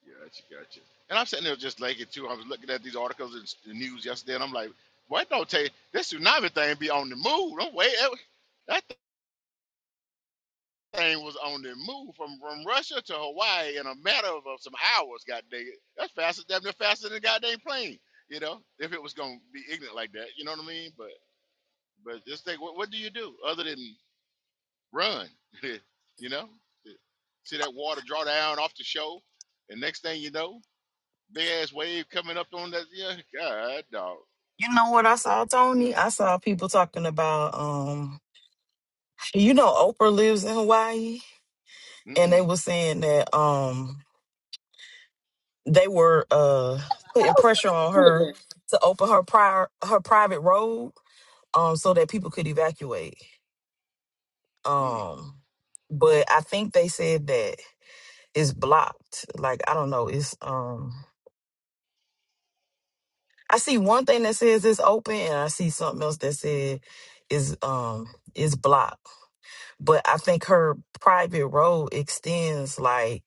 [SPEAKER 1] Gotcha, gotcha. And I'm sitting there just like it too. I was looking at these articles and s- the news yesterday, and I'm like, "What don't take this tsunami thing be on the move? Don't wait, that, that thing was on the move from from Russia to Hawaii in a matter of, of some hours. God dang it, that's faster, damn near faster than a goddamn plane. You know, if it was gonna be ignorant like that, you know what I mean? But but just think, what what do you do other than run? you know, see that water draw down off the show, and next thing you know. big ass wave coming up on that. Yeah, God, dog.
[SPEAKER 2] You know what I saw, Tony?
[SPEAKER 1] Mm,
[SPEAKER 2] I saw people talking about um you know Oprah lives in Hawaii and they
[SPEAKER 1] mm,
[SPEAKER 2] were saying that um they were uh
[SPEAKER 3] I
[SPEAKER 2] putting
[SPEAKER 3] was
[SPEAKER 2] pressure
[SPEAKER 3] from
[SPEAKER 2] on her
[SPEAKER 3] Canada.
[SPEAKER 2] to open her prior her private road um so that people could evacuate.
[SPEAKER 1] mm.
[SPEAKER 2] Um but I think they said that it's blocked. Like I don't know, it's um I see one thing that says it's open, and I see something else that said is um is blocked. But I think her private road extends like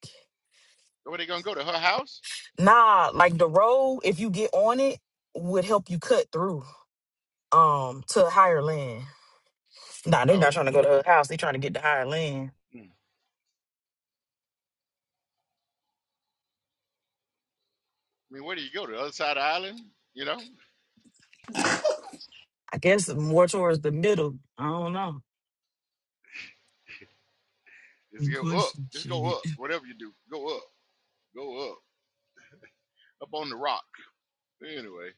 [SPEAKER 1] Where they gonna go to her house?
[SPEAKER 2] nah, like the road if you get on it would help you cut through um to higher land. Nah, they not
[SPEAKER 1] Oh,
[SPEAKER 2] trying to go to her house. They trying to get to higher land.
[SPEAKER 1] mm. I mean, where do you go to the other side of the island? You know,
[SPEAKER 2] I guess more towards the middle. I don't know.
[SPEAKER 1] just
[SPEAKER 2] Good
[SPEAKER 1] go up,
[SPEAKER 2] question.
[SPEAKER 1] just go
[SPEAKER 2] Shit.
[SPEAKER 1] up. Whatever you do, go up, go up, up on the rock. Anyway,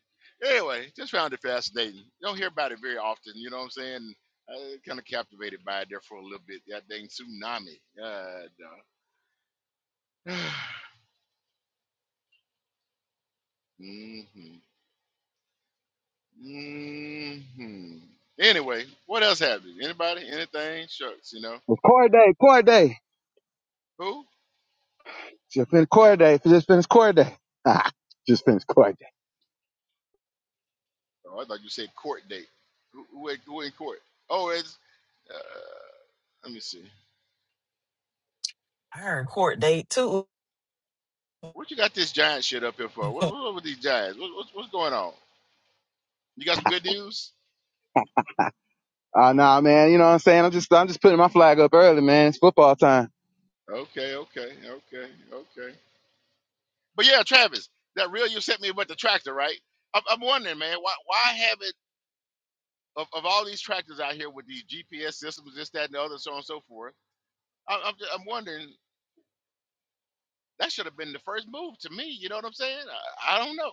[SPEAKER 1] anyway, just found it fascinating. You Don't hear about it very often. You know what I'm saying? I kind of captivated by it there for a little bit. That dang tsunami. God, dog. mm-hmm. hmm Anyway, what else happened? Anybody? Anything? Shucks, you know.
[SPEAKER 5] It's core day, core day.
[SPEAKER 1] Who?
[SPEAKER 5] Just finished core day. Just finished core day. Ah, just finished core day.
[SPEAKER 1] Oh, I thought you said court date. Who, who, in- who in court? Oh, it's. Uh, let me see.
[SPEAKER 2] I heard court date too.
[SPEAKER 1] What you got this giant shit up here for? What,
[SPEAKER 2] that
[SPEAKER 1] what up with these giants? What, what's what's going on? You got some good news?
[SPEAKER 5] Ah, nah, man. You know what I'm saying? I'm just I'm just putting my flag up early, man. It's football time.
[SPEAKER 1] Okay, okay, okay, okay. But yeah, Travis, that reel you sent me about the tractor, right? I'm, I'm wondering, man, why why haven't of, of all these tractors out here with these GPS systems, this, that, and the other, so on and so forth? I- I'm, ju- I'm wondering That should have been the first move to me. You know what I'm saying? I, I don't know.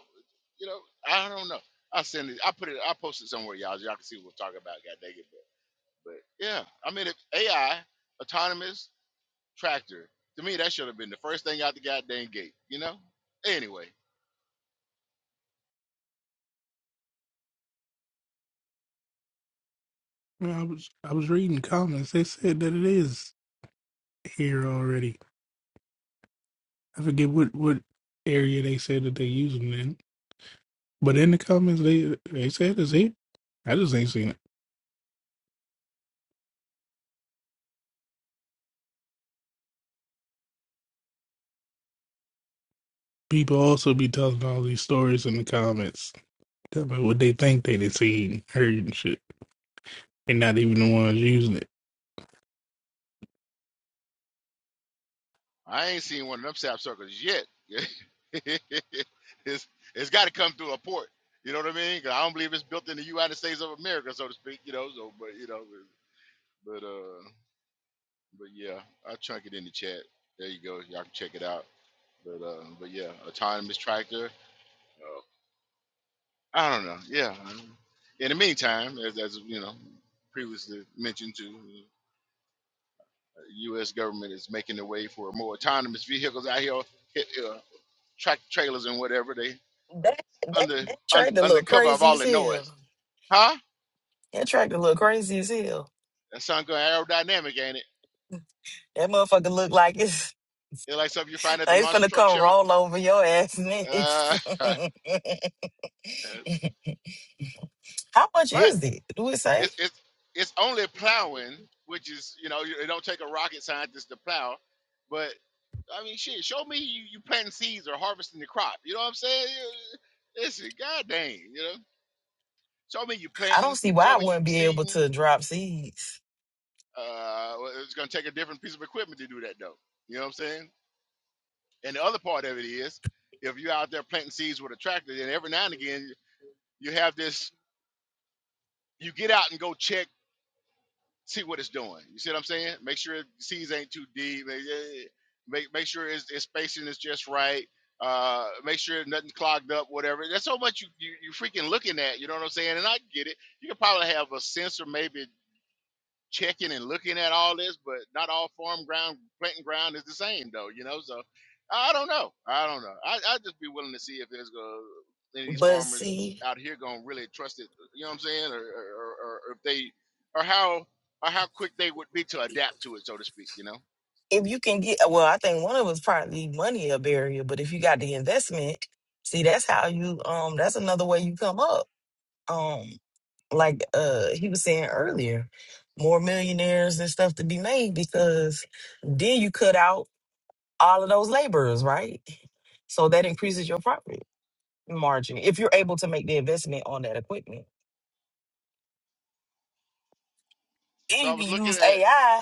[SPEAKER 1] You know, I don't know. I send it. I put it. I post it somewhere, y'all. so Y'all can see what we're talking about. God dang it! But, but yeah, I mean, if AI autonomous tractor to me, that should have been the first thing out the goddamn gate. You know. Anyway,
[SPEAKER 6] You know, I was I was reading comments. They said that it is here already. I forget what what area they said that they use them in. But in the comments they they said it's here. I just ain't seen it. People also be telling all these stories in the comments Yeah, but what they think they done seen heard and shit. They not even the ones using it.
[SPEAKER 1] I ain't seen one of them sap circles yet. it's it's got to come through a port. You know what I mean? 'Cause I don't believe it's built in the United States of America, so to speak. You know, so but you know, but uh, But yeah, I'll chunk it in the chat. There you go. Y'all can check it out. But uh, but yeah, autonomous tractor. Uh, I don't know. Yeah. I don't- In the meantime, as as you know, previously mentioned, to U.S. government is making the way for more autonomous vehicles out here, hit, uh, track trailers and whatever. They
[SPEAKER 2] that
[SPEAKER 1] under
[SPEAKER 2] that
[SPEAKER 1] un,
[SPEAKER 2] trade a
[SPEAKER 1] under
[SPEAKER 2] little
[SPEAKER 1] cover of
[SPEAKER 2] crazy
[SPEAKER 1] all
[SPEAKER 2] as
[SPEAKER 1] the noise,
[SPEAKER 2] hell.
[SPEAKER 1] huh?
[SPEAKER 2] That tractor look crazy as hell.
[SPEAKER 1] That sounds good aerodynamic, ain't it?
[SPEAKER 2] That motherfucker look like it's
[SPEAKER 1] It's like something you find at the
[SPEAKER 2] like it's
[SPEAKER 1] monster
[SPEAKER 2] finna
[SPEAKER 1] truck
[SPEAKER 2] come
[SPEAKER 1] show.
[SPEAKER 2] roll over your ass next.
[SPEAKER 1] Uh,
[SPEAKER 2] How much
[SPEAKER 1] but
[SPEAKER 2] is it? Do it say?
[SPEAKER 1] It's it's it's only plowing, which is you know you- it don't take a rocket scientist to plow, but I mean shit, show me you, you planting seeds or harvesting the crop. You know what I'm saying? You- Listen, god dang, you know, show me you
[SPEAKER 2] I don't
[SPEAKER 1] planting,
[SPEAKER 2] see why
[SPEAKER 1] show
[SPEAKER 2] I
[SPEAKER 1] me you
[SPEAKER 2] wouldn't be able
[SPEAKER 1] seeding.
[SPEAKER 2] to drop seeds.
[SPEAKER 1] Uh, well, it's gonna take a different piece of equipment to do that though. You know what I'm saying? And the other part of it is, if you're out there planting seeds with a tractor, then every now and again you have this. You get out and go check see what it's doing. You see what I'm saying? Make sure it- C's ain't too deep. Make yeah, yeah, yeah. make, make sure its, its spacing is just right. Uh, make sure nothing clogged up, whatever. There's so much you, you you freaking looking at. You know what I'm saying? And I get it. You could probably have a sensor, maybe checking and looking at all this, but not all farm ground, planting ground is the same though, you know. So I don't know. I don't know. I I'd just be willing to see if there's uh, any of these
[SPEAKER 2] But
[SPEAKER 1] farmers
[SPEAKER 2] see,
[SPEAKER 1] out here gonna really trust it. You know what I'm saying? Or or, or, or if they or how or how quick they would be to adapt to it, so to speak. You know.
[SPEAKER 2] if you can get well, I think one of us probably money a barrier, but if you got the investment, see that's how you um that's another way you come up. Um, like uh he was saying earlier, more millionaires and stuff to be made because then you cut out all of those laborers, right? So that increases your profit margin if you're able to make the investment on that equipment. Then
[SPEAKER 1] So I
[SPEAKER 2] you can
[SPEAKER 1] was looking
[SPEAKER 2] use
[SPEAKER 1] at
[SPEAKER 2] AI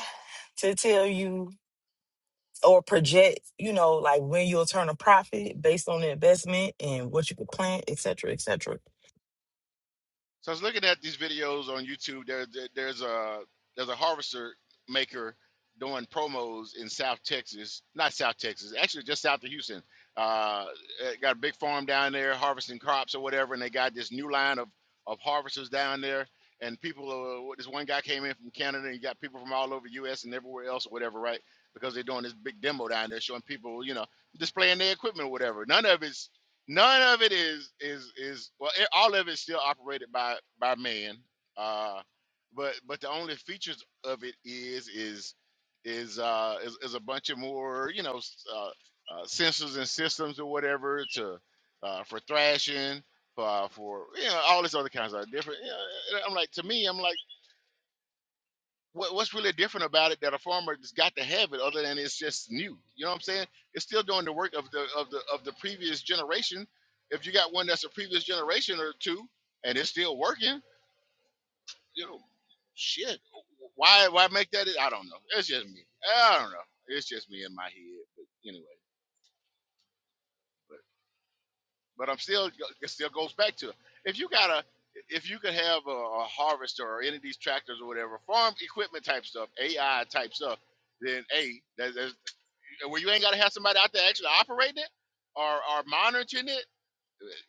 [SPEAKER 2] to tell you or project, you know, like when you'll turn a profit based on the investment and what you could plant, et cetera, et cetera.
[SPEAKER 1] So I was looking at these videos on YouTube. There, there- there's a there's a harvester maker doing promos in South Texas, not South Texas, actually just south of Houston. Uh, eh, got a big farm down there harvesting crops or whatever, and they got this new line of of harvesters down there. And people, are, what- this one guy came in from Canada, and you got people from all over U.S. and everywhere else or whatever, right? Because they're doing this big demo down there, showing people, you know, displaying their equipment or whatever. None of it none of it is is is well it, all of it's still operated by by man uh but but the only features of it is is is uh is, is a bunch of more you know s- uh, uh sensors and systems or whatever to uh for thrashing for for you know all this other kinds of different you know, i'm like to me i'm like what, what's really different about it that a farmer has got to have it other than it's just new you know what i'm saying it's still doing the work of the of the of the previous generation if you got one that's a previous generation or two and it's still working you know shit why why make that i don't know it's just me i don't know it's just me in my head but anyway but but i'm still it still goes back to if you got a if you could have a, a harvester or any of these tractors or whatever farm equipment type stuff ai type stuff then a that know, where you ain't got to have somebody out there actually operating it or, or monitoring it.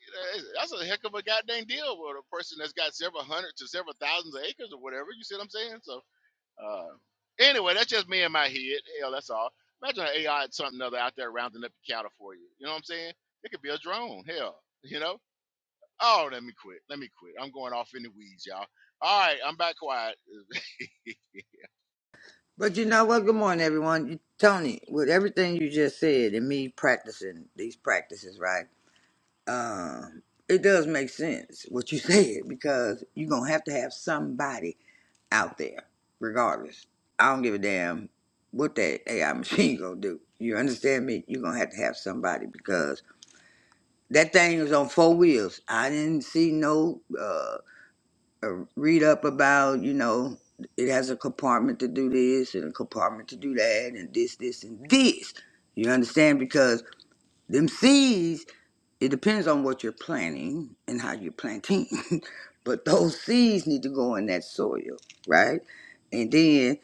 [SPEAKER 1] You know, it's- that's a heck of a goddamn deal with a person that's got several hundred to several thousands of acres or whatever. You see what I'm saying? So, uh, anyway, that's just me in my head. Hell, that's all. Imagine an AI or something other out there rounding up your cattle for you. You know what I'm saying? It could be a drone. Hell, you know? Oh, let me quit. Let me quit. I'm going off in the weeds, y'all. All right, I'm back quiet.
[SPEAKER 7] But you know what? Good morning, everyone. You, Tony, with everything you just said and me practicing these practices, right? Um, it does make sense what you said because you're gonna have to have somebody out there, regardless. I don't give a damn what that AI machine gonna do. You understand me? You're gonna have to have somebody because that thing is on four wheels. I didn't see no. uh, uh, read up about, you know, it has a compartment to do this and a compartment to do that and this, this, and this. You understand? Because them seeds, it depends on what you're planting and how you're planting. but those seeds need to go in that soil, right? And then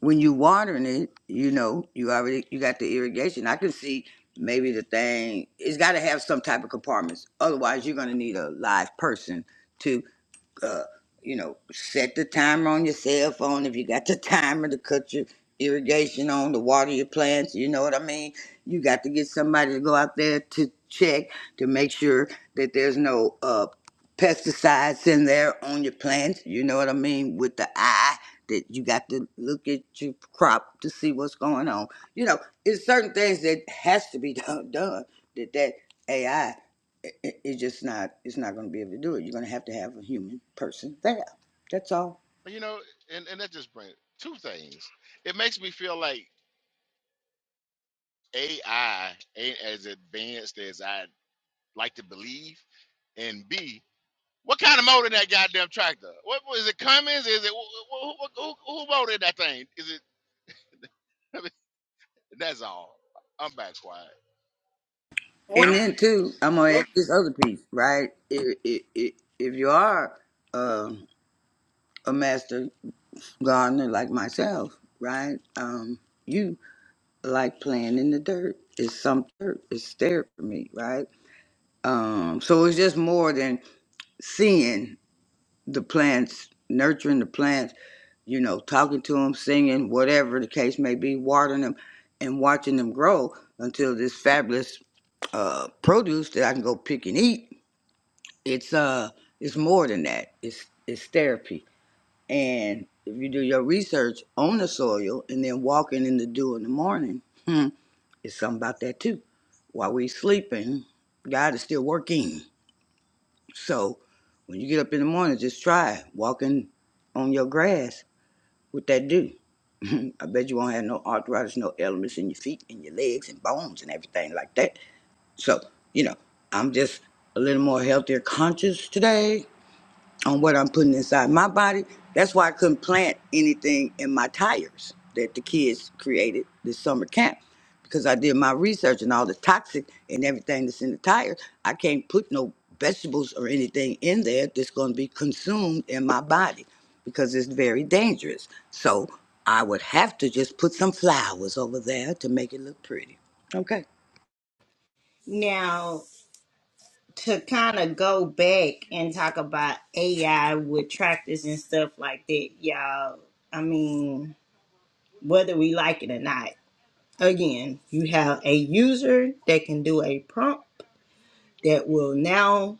[SPEAKER 7] when you watering it, you know, you already you got the irrigation. I can see maybe the thing it's gotta have some type of compartments. Otherwise you're gonna need a live person to uh, you know, set the timer on your cell phone if you got the timer to cut your irrigation on to water your plants. You know what I mean? You got to get somebody to go out there to check to make sure that there's no uh, pesticides in there on your plants. You know what I mean? With the eye that you got to look at your crop to see what's going on. You know, it's certain things that has to be done. done that that AI it, it's just not it's not going to be able to do it. You're going to have to have a human person there. That's all.
[SPEAKER 1] you know, and, and that just brings two things. It makes me feel like AI ain't as advanced as I'd like to believe. And B, what kind of motor that goddamn tractor? What was it Cummins? Is it who, who, who, who motored that thing? Is it? I mean, that's all. I'm back quiet.
[SPEAKER 7] And then too, I'm going to add this other piece, right? If, if, if you are um a master gardener like myself, right? Um, you like playing in the dirt. It's some dirt. It's there for me, right? Um, so it's just more than seeing the plants, nurturing the plants you know, talking to them, singing, whatever the case may be, watering them and watching them grow until this fabulous uh, produce that I can go pick and eat. It's uh, it's more than that. It's it's therapy. And if you do your research on the soil and then walking in the dew in the morning, hmm, it's something about that too. While we sleeping, God is still working. So when you get up in the morning, just try walking on your grass What that do? I bet you won't have no arthritis, no elements in your feet and your legs and bones and everything like that. So, you know, I'm just a little more healthier conscious today on what I'm putting inside my body. That's why I couldn't plant anything in my tires that the kids created this summer camp because I did my research and all the toxic and everything that's in the tires. I can't put no vegetables or anything in there that's going to be consumed in my body because it's very dangerous. So I would have to just put some flowers over there to make it look pretty. Okay.
[SPEAKER 3] Now, to kind of go back and talk about AI with tractors and stuff like that, y'all, I mean, whether we like it or not. Again, you have a user that can do a prompt that will now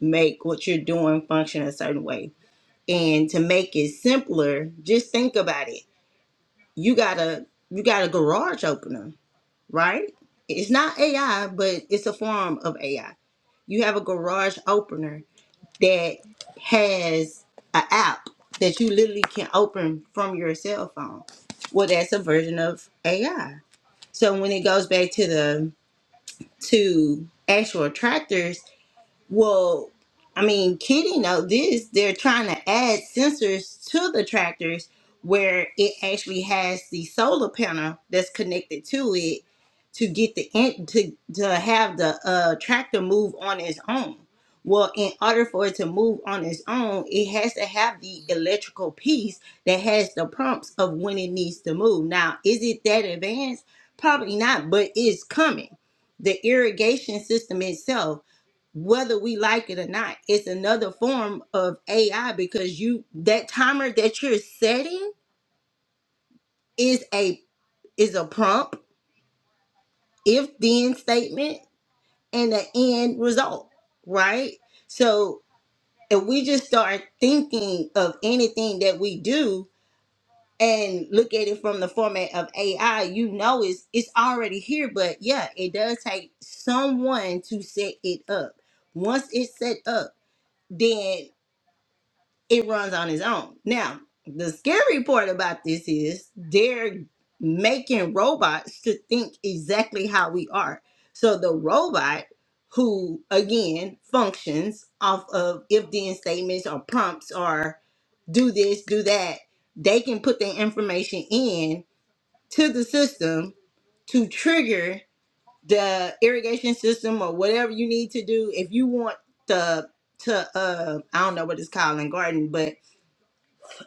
[SPEAKER 3] make what you're doing function a certain way. And to make it simpler, just think about it. You got a you got a garage opener, right? It's not AI, but it's a form of AI. You have a garage opener that has an app that you literally can open from your cell phone. Well, that's a version of AI. So when it goes back to the to actual attractors well, I mean, Kitty know this. They're trying to add sensors to the tractors where it actually has the solar panel that's connected to it to get the in, to to have the uh, tractor move on its own. Well, in order for it to move on its own, it has to have the electrical piece that has the prompts of when it needs to move. Now, is it that advanced? Probably not, but it's coming. The irrigation system itself whether we like it or not it's another form of ai because you that timer that you're setting is a is a prompt if then statement and the end result right so if we just start thinking of anything that we do and look at it from the format of ai you know it's it's already here but yeah it does take someone to set it up once it's set up then. it runs on its own. Now, the scary part about this is they're making robots to think exactly how we are. So the robot who again functions off of if then statements or prompts or do this, do that, they can put the information in to the system to trigger the irrigation system or whatever you need to do. If you want the to uh I don't know what it's called in garden, but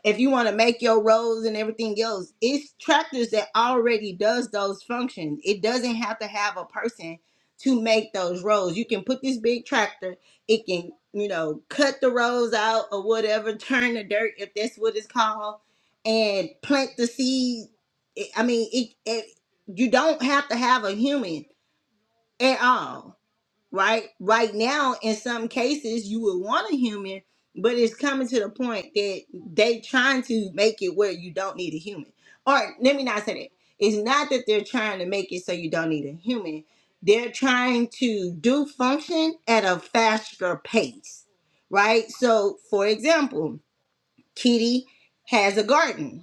[SPEAKER 3] if you want to make your roads and everything else it's tractors that already does those functions it doesn't have to have a person to make those roads you can put this big tractor it can you know cut the rows out or whatever turn the dirt if that's what it's called and plant the seed i I mean it, it you don't have to have a human at all right? Right now, in some cases, you would want a human, but it's coming to the point that they trying to make it where you don't need a human. Or let me not say that. It's not that they're trying to make it so you don't need a human. They're trying to do function at a faster pace, right? So, for example, Kitty has a garden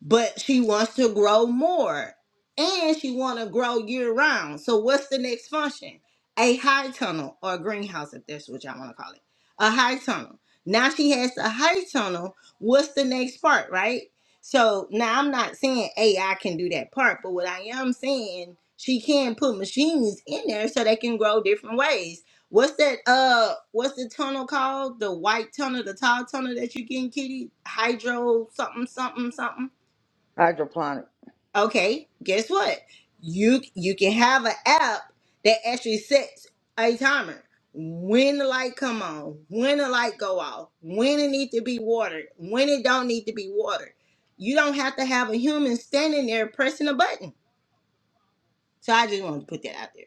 [SPEAKER 3] but she wants to grow more and she want to grow year round so what's the next function a high tunnel or a greenhouse if that's what y'all want to call it a high tunnel now she has the high tunnel what's the next part right so now i'm not saying ai can do that part but what i am saying she can put machines in there so they can grow different ways what's that uh what's the tunnel called the white tunnel the tall tunnel that you get in kitty hydro something something something
[SPEAKER 7] Hydroponic.
[SPEAKER 3] Okay, guess what? You you can have an app that actually sets a timer. When the light come on, when the light go off, when it need to be watered, when it don't need to be watered. You don't have to have a human standing there pressing a button. So I just want to put that out there.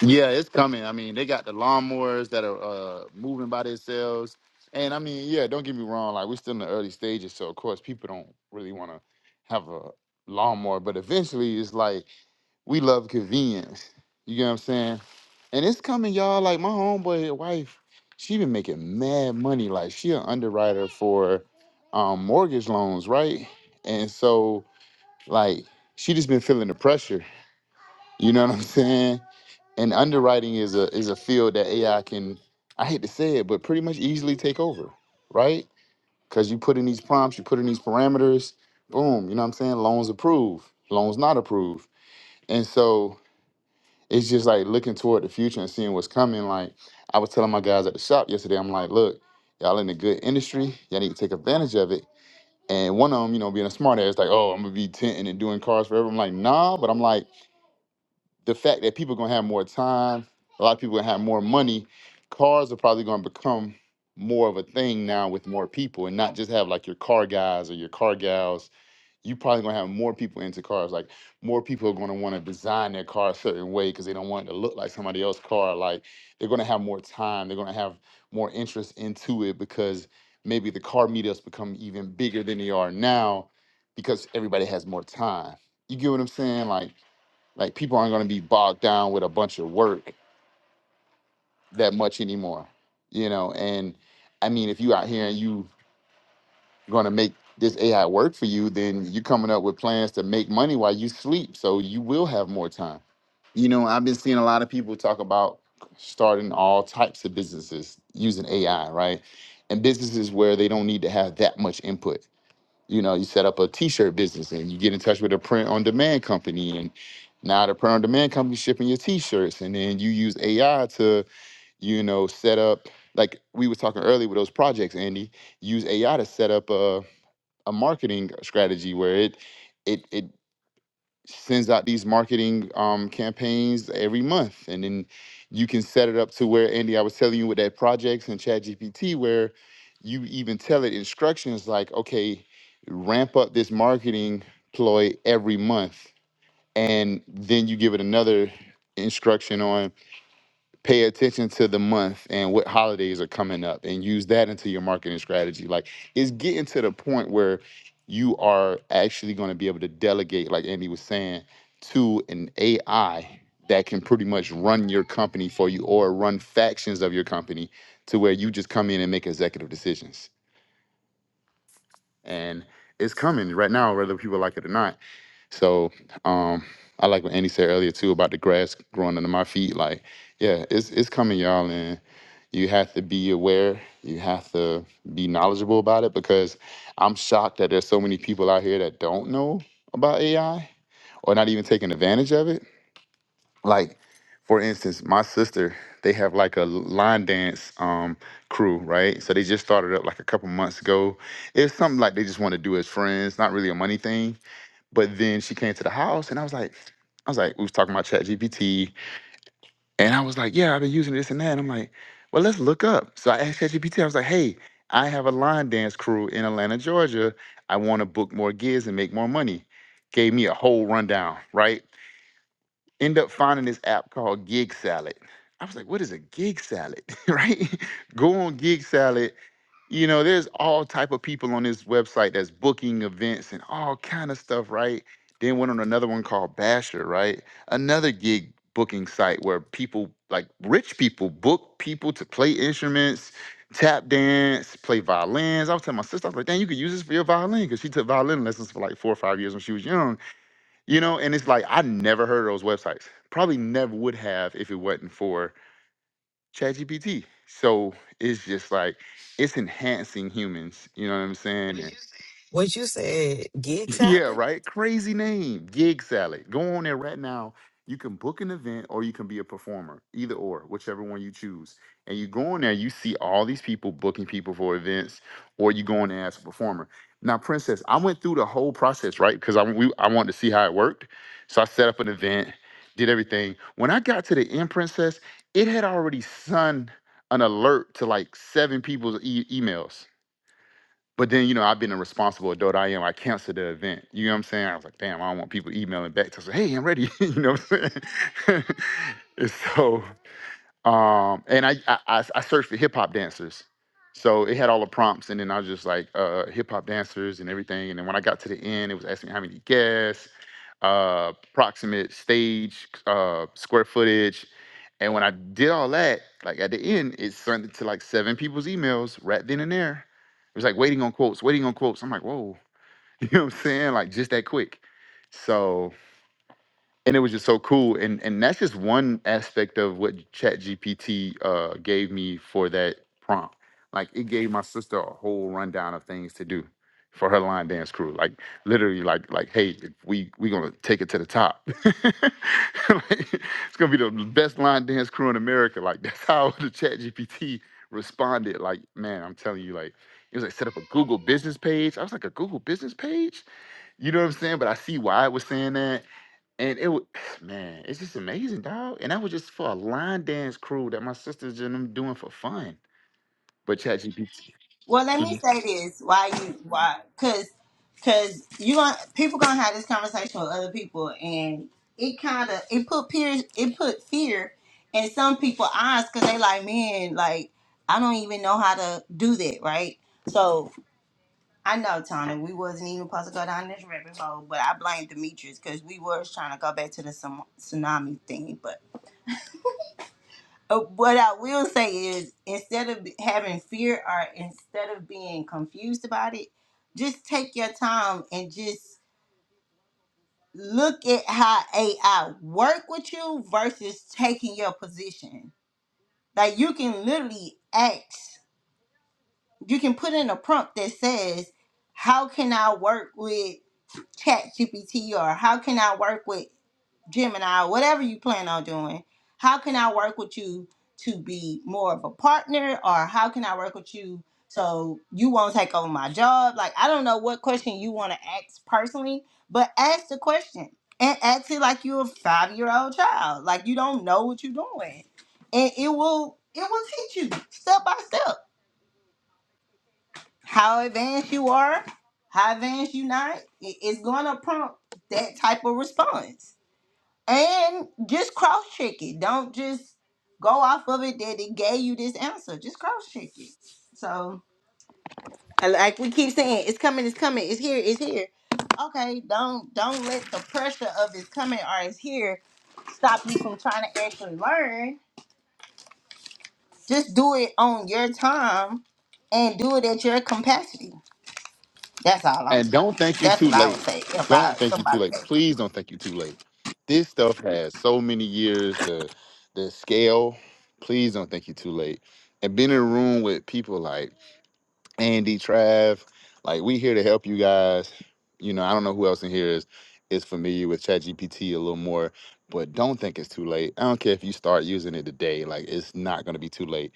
[SPEAKER 4] Yeah, it's coming. I mean, they got the lawnmowers that are uh, moving by themselves. And I mean, yeah, don't get me wrong. Like, we're still in the early stages. So, of course, people don't really want to have a lawnmower. But eventually, it's like, We love convenience. You get what I'm saying? And it's coming, y'all. Like my homeboy, his wife, she been making mad money. Like she an underwriter for um, mortgage loans, right? And so, like, she just been feeling the pressure. You know what I'm saying? And underwriting is a is a field that AI can, I hate to say it, but pretty much easily take over, right? Because you put in these prompts, you put in these parameters, boom. You know what I'm saying? Loans approved, loans not approved. And so it's just like looking toward the future and seeing what's coming. Like I was telling my guys at the shop yesterday, I'm like, look, y'all in a good industry. Y'all need to take advantage of it. And one of them, you know, being a smart ass, like, oh, I'm gonna be tenting and doing cars forever. I'm like, nah, but I'm like, the fact that people gonna have more time, a lot of people gonna have more money, cars are probably gonna become more of a thing now with more people and not just have like your car guys or your car gals you probably gonna have more people into cars. Like more people are gonna want to design their car a certain way because they don't want it to look like somebody else's car. Like they're gonna have more time. They're gonna have more interest into it because maybe the car meetups become even bigger than they are now because everybody has more time. You get what I'm saying? Like like people aren't going to be bogged down with a bunch of work that much anymore you know and i mean if you out here and you going to make this AI work for you, then you're coming up with plans to make money while you sleep. So you will have more time. You know, I've been seeing a lot of people talk about starting all types of businesses using AI, right? And businesses where they don't need to have that much input. You know, you set up a t-shirt business and you get in touch with a print on demand company and now the print on demand company shipping your t-shirts and then you use AI to, you know, set up like we were talking earlier with those projects, Andy, use AI to set up a a marketing strategy where it it it sends out these marketing um, campaigns every month, and then you can set it up to where Andy, I was telling you with that projects and ChatGPT, where you even tell it instructions like, okay, ramp up this marketing ploy every month, and then you give it another instruction on pay attention to the month and what holidays are coming up and use that into your marketing strategy like it's getting to the point where you are actually going to be able to delegate like andy was saying to an ai that can pretty much run your company for you or run factions of your company to where you just come in and make executive decisions and it's coming right now whether people like it or not so um, I like what Andy said earlier too about the grass growing under my feet. Like, yeah, it's it's coming, y'all, and you have to be aware. You have to be knowledgeable about it because I'm shocked that there's so many people out here that don't know about AI or not even taking advantage of it. Like, for instance, my sister, they have like a line dance um, crew, right? So they just started up like a couple months ago. It's something like they just want to do as friends, not really a money thing but then she came to the house and I was like, I was like, we was talking about ChatGPT, And I was like, yeah, I've been using this and that. And I'm like, well, let's look up. So I asked ChatGPT, I was like, hey, I have a line dance crew in Atlanta, Georgia. I want to book more gigs and make more money. Gave me a whole rundown, right? end up finding this app called Gig Salad. I was like, what is a gig salad? right? Go on Gig Salad. You know, there's all type of people on this website that's booking events and all kind of stuff, right? Then went on another one called Basher, right? Another gig booking site where people like rich people book people to play instruments, tap dance, play violins. I was telling my sister, I was like, dang, you could use this for your violin because she took violin lessons for like four or five years when she was young you know, and it's like I never heard of those websites. Probably never would have if it wasn't for ChatGPT. So it's just like it's enhancing humans. You know what I'm saying? And
[SPEAKER 2] What you said, gig
[SPEAKER 4] yeah,
[SPEAKER 2] salad?
[SPEAKER 4] right? Crazy name, Gig Salad. Go on there right now. You can book an event or you can be a performer, either or, whichever one you choose. And you go on there, you see all these people booking people for events, or you go on there as a performer. Now, Princess, I went through the whole process, right? Because I, we, I wanted to see how it worked. So I set up an event, did everything. When I got to the end, Princess, it had already sent an alert to like seven people's e- emails. But then, you know, I've been a responsible adult. I am. I canceled the event. You know what I'm saying? I was like, damn, I don't want people emailing back to say, hey, I'm ready. you know what I'm saying? and so, um, and I, I I I searched for hip hop dancers. So it had all the prompts, and then I was just like uh, hip hop dancers and everything. And then when I got to the end, it was asking how many guests, uh, proximate stage, uh, square footage, and when I did all that, like at the end, it sent it to like seven people's emails right then and there. It was like waiting on quotes, waiting on quotes. I'm like, whoa, you know what I'm saying? Like just that quick. So and it was just so cool and and that's just one aspect of what ChatGPT uh gave me for that prompt like it gave my sister a whole rundown of things to do for her line dance crew like literally like like hey if we we gonna take it to the top like, it's gonna be the best line dance crew in america like that's how the ChatGPT responded like man i'm telling you like it was like set up a google business page i was like a google business page you know what i'm saying but i see why it was saying that and it would, man, it's just amazing, dog. And that was just for a line dance crew that my sisters and them doing for fun. But ChatGPT,
[SPEAKER 3] Well, let me
[SPEAKER 4] Mhm.
[SPEAKER 3] say this: why you why? Because because you gonna people gonna have this conversation with other people, and it kind of it put fear it put fear in some people eyes because they like man like I don't even know how to do that right. So I know Tony, we wasn't even supposed to go down this rabbit hole, but I blame Demetrius because we was trying to go back to the tsun- tsunami thing, uh, what I will say is, instead of having fear or instead of being confused about it, just take your time and just look at how AI work with you versus taking your position. Like you can literally ask, you can put in a prompt that says, "How can I work with?" chat GPT or how can I work with Gemini, or whatever you plan on doing, how can I work with you to be more of a partner or how can I work with you so you won't take over my job? Like, I don't know what question you want to ask personally, but ask the question and ask it like you're a five year old child. Like, you don't know what you're doing. And it will. It will teach you step by step how advanced you are, how advanced you not, it- it's gonna prompt that type of response. And just cross check it. Don't just go off of it that it gave you this answer. Just cross check it. So and like we keep saying, it's coming, it's coming, it's here, it's here. Okay, don't don't let the pressure of it's coming or it's here stop you from trying to actually learn. Just do it on your time and do it at your capacity. That's all I'm
[SPEAKER 4] and
[SPEAKER 3] saying.
[SPEAKER 4] don't think you
[SPEAKER 3] That's
[SPEAKER 4] too
[SPEAKER 3] what I would
[SPEAKER 4] late.
[SPEAKER 3] say if I
[SPEAKER 4] Don't think you too
[SPEAKER 3] somebody.
[SPEAKER 4] late.
[SPEAKER 3] said-
[SPEAKER 4] Please don't think you too late. This stuff has so many years to the scale. Please don't think you too late. And being in a room with people like Andy, Trav, like we here to help you guys. You know, I don't know who else in here is is familiar with ChatGPT a little more, but don't think it's too late. I don't care if you start using it today, like it's not gonna be too late.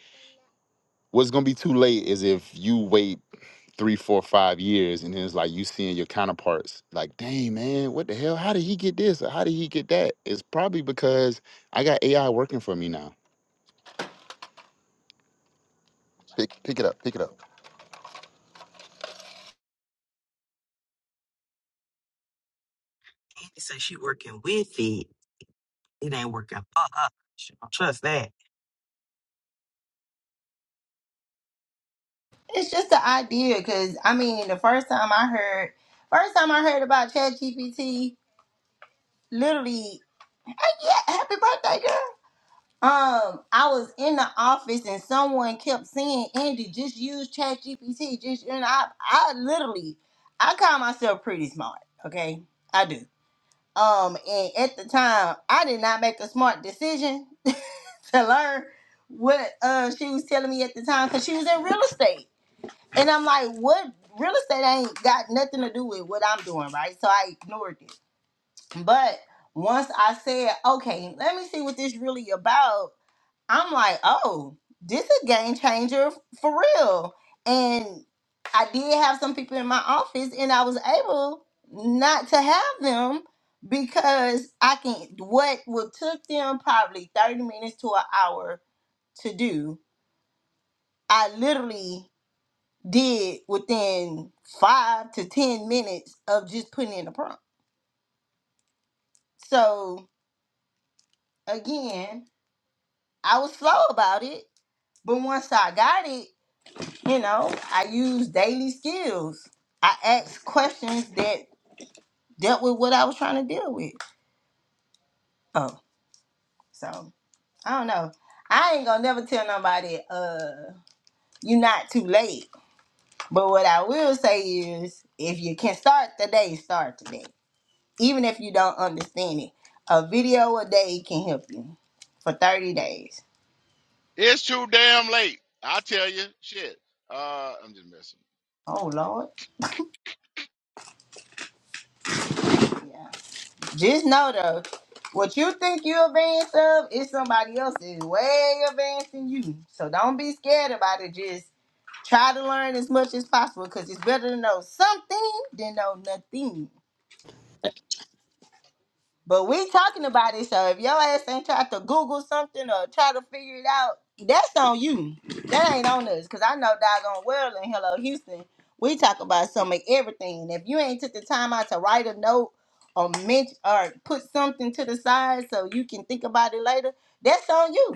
[SPEAKER 4] What's gonna be too late is if you wait three, four, five years and then it's like you seeing your counterparts like, dang man, what the hell? How did he get this? Or how did he get that? It's probably because I got AI working for me now. Pick pick it up, pick it up.
[SPEAKER 2] He said she working with it. It ain't working for her. She don't trust that.
[SPEAKER 3] It's just the idea, because I mean, the first time I heard, first time I heard about ChatGPT, literally, hey, yeah, happy birthday, girl. Um, I was in the office and someone kept saying, Andy, just use ChatGPT. Just and I, I literally, I call myself pretty smart. Okay, I do. Um, and at the time, I did not make a smart decision to learn what uh she was telling me at the time because she was in real estate. And I'm like, what real estate ain't got nothing to do with what I'm doing, right? So I ignored it. But once I said, okay, let me see what this really about, I'm like, oh, this a game changer for real. And I did have some people in my office and I was able not to have them because I can what would took them probably 30 minutes to an hour to do, I literally did within five to 10 minutes of just putting in a prompt. So again, I was slow about it, but once I got it, you know, I used daily skills. I asked questions that dealt with what I was trying to deal with. Oh, so I don't know. I ain't gonna never tell nobody, uh, you're not too late. But what I will say is, if you can start the day, start today. even if you don't understand it. A video a day can help you for 30 days.
[SPEAKER 1] It's too damn late. I tell you, shit. Uh, I'm just messing.
[SPEAKER 3] Oh Lord. Yeah. Just know though, what you think you advanced of is somebody else is way advanced than you. So don't be scared about it. Just try to learn as much as possible because it's better to know something than know nothing. But we talking about it, so if your ass ain't tried to Google something or try to figure it out, that's on you. That ain't on us, cause I know doggone well in Hello Houston, we talk about some of everything. And If you ain't took the time out to write a note or mention or put something to the side so you can think about it later, that's on you.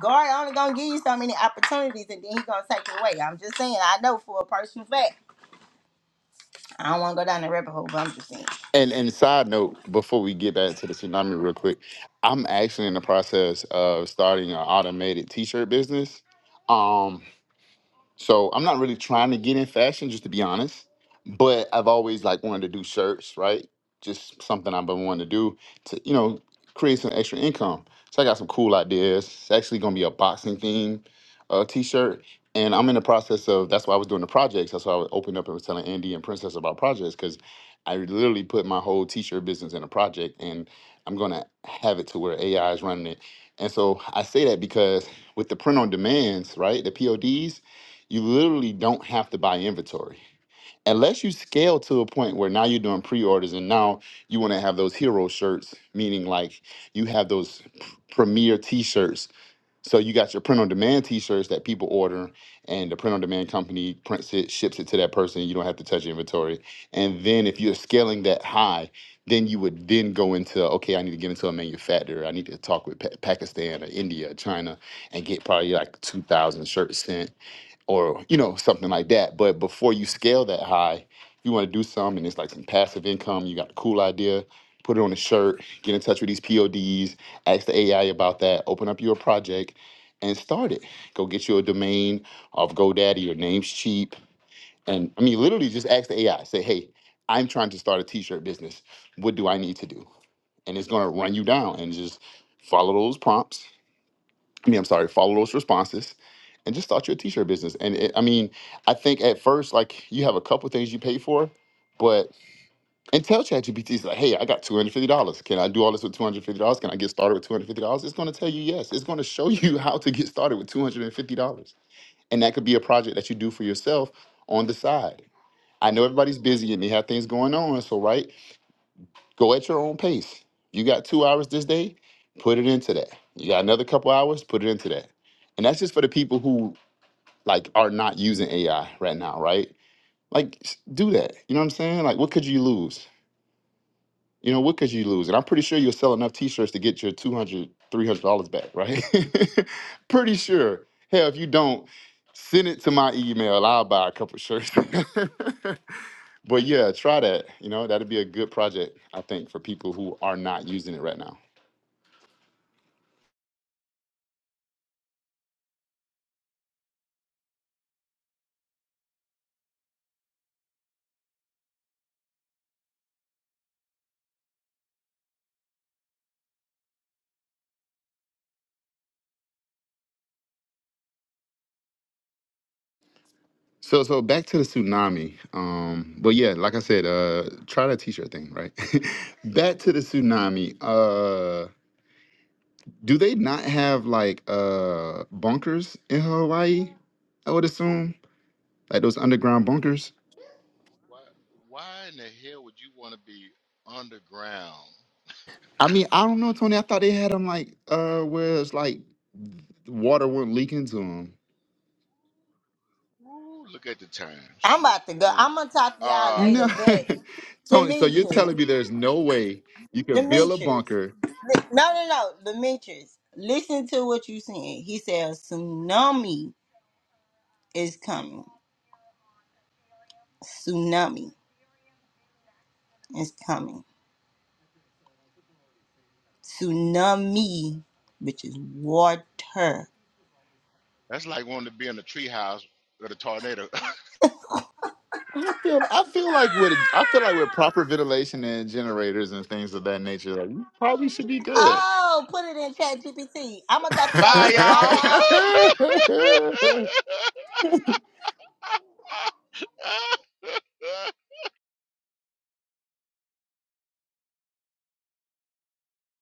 [SPEAKER 3] God only gonna give you so many opportunities, and then he gonna take it away. I'm just saying. I know for a personal fact. I don't want to go down the rabbit hole, but I'm just saying.
[SPEAKER 4] And and side note, before we get back to the tsunami real quick, I'm actually in the process of starting an automated t-shirt business. Um, so I'm not really trying to get in fashion, just to be honest. But I've always like wanted to do shirts, right? Just something I've been wanting to do to, you know, create some extra income. So I got some cool ideas. It's actually gonna be a boxing theme uh, t-shirt. And I'm in the process of that's why I was doing the projects. That's why I was opened up and was telling Andy and Princess about projects, because I literally put my whole t-shirt business in a project and I'm gonna have it to where AI is running it. And so I say that because with the print on demands, right? The PODs, you literally don't have to buy inventory unless you scale to a point where now you're doing pre-orders and now you want to have those hero shirts meaning like you have those p- premier t-shirts so you got your print on demand t-shirts that people order and the print on demand company prints it ships it to that person you don't have to touch inventory and then if you're scaling that high then you would then go into okay i need to get into a manufacturer i need to talk with pa- pakistan or india china and get probably like 2000 shirts sent or you know something like that. But before you scale that high, you want to do some, and it's like some passive income. You got a cool idea, put it on a shirt, get in touch with these PODs, ask the AI about that, open up your project, and start it. Go get you a domain off GoDaddy. Your name's cheap, and I mean literally just ask the AI. Say, hey, I'm trying to start a T-shirt business. What do I need to do? And it's gonna run you down and just follow those prompts I mean, I'm sorry, follow those responses and just start your t-shirt business. And it, I mean, I think at first, like you have a couple things you pay for, but and tell ChatGPT, it's like, hey, I got $250. Can I do all this with $250? Can I get started with $250? It's going to tell you yes. It's going to show you how to get started with $250. And fifty dollars, and that could be a project that you do for yourself on the side. I know everybody's busy and they have things going on. So, right? Go at your own pace. You got two hours this day, put it into that. You got another couple hours, put it into that. And that's just for the people who like are not using AI right now, right? Like s- do that. You know what I'm saying? Like what could you lose? You know, what could you lose? And I'm pretty sure you'll sell enough t-shirts to get your 200 $300 back, right? pretty sure. Hell, if you don't, send it to my email. I'll buy a couple shirts. but yeah, try that. You know, that'd be a good project, I think, for people who are not using it right now. So so back to the tsunami. Um, but yeah, like I said, uh, try that t-shirt thing, right? back to the tsunami. Uh, do they not have like uh bunkers in Hawaii? I would assume like those underground bunkers.
[SPEAKER 1] Why? Why in the hell would you want to be underground?
[SPEAKER 4] I mean, I don't know, Tony. I thought they had them like uh where it's like water wouldn't leak into them.
[SPEAKER 1] Woo, look at the time,
[SPEAKER 3] I'm
[SPEAKER 1] shit.
[SPEAKER 3] about to go.
[SPEAKER 1] Mm.
[SPEAKER 3] I'm gonna talk to y'all
[SPEAKER 1] Uh,
[SPEAKER 4] No,
[SPEAKER 3] later, but.
[SPEAKER 4] Tony. So you're
[SPEAKER 3] Demetrius,
[SPEAKER 4] telling me there's no way you could build a
[SPEAKER 3] Demetrius,
[SPEAKER 4] bunker
[SPEAKER 3] li- no, no, no, Demetrius, listen to what you saying. He said a tsunami is coming. Tsunami is coming. Tsunami, which is water.
[SPEAKER 1] that's like wanting to be in a treehouse with a tornado.
[SPEAKER 4] I feel I feel like with I feel like with proper ventilation and generators and things of that nature, like you probably should be good.
[SPEAKER 3] Oh, put it in chat GPT. I'm gonna talk to y'all
[SPEAKER 1] Bye,
[SPEAKER 3] later. Bye,
[SPEAKER 1] y'all.
[SPEAKER 3] y'all.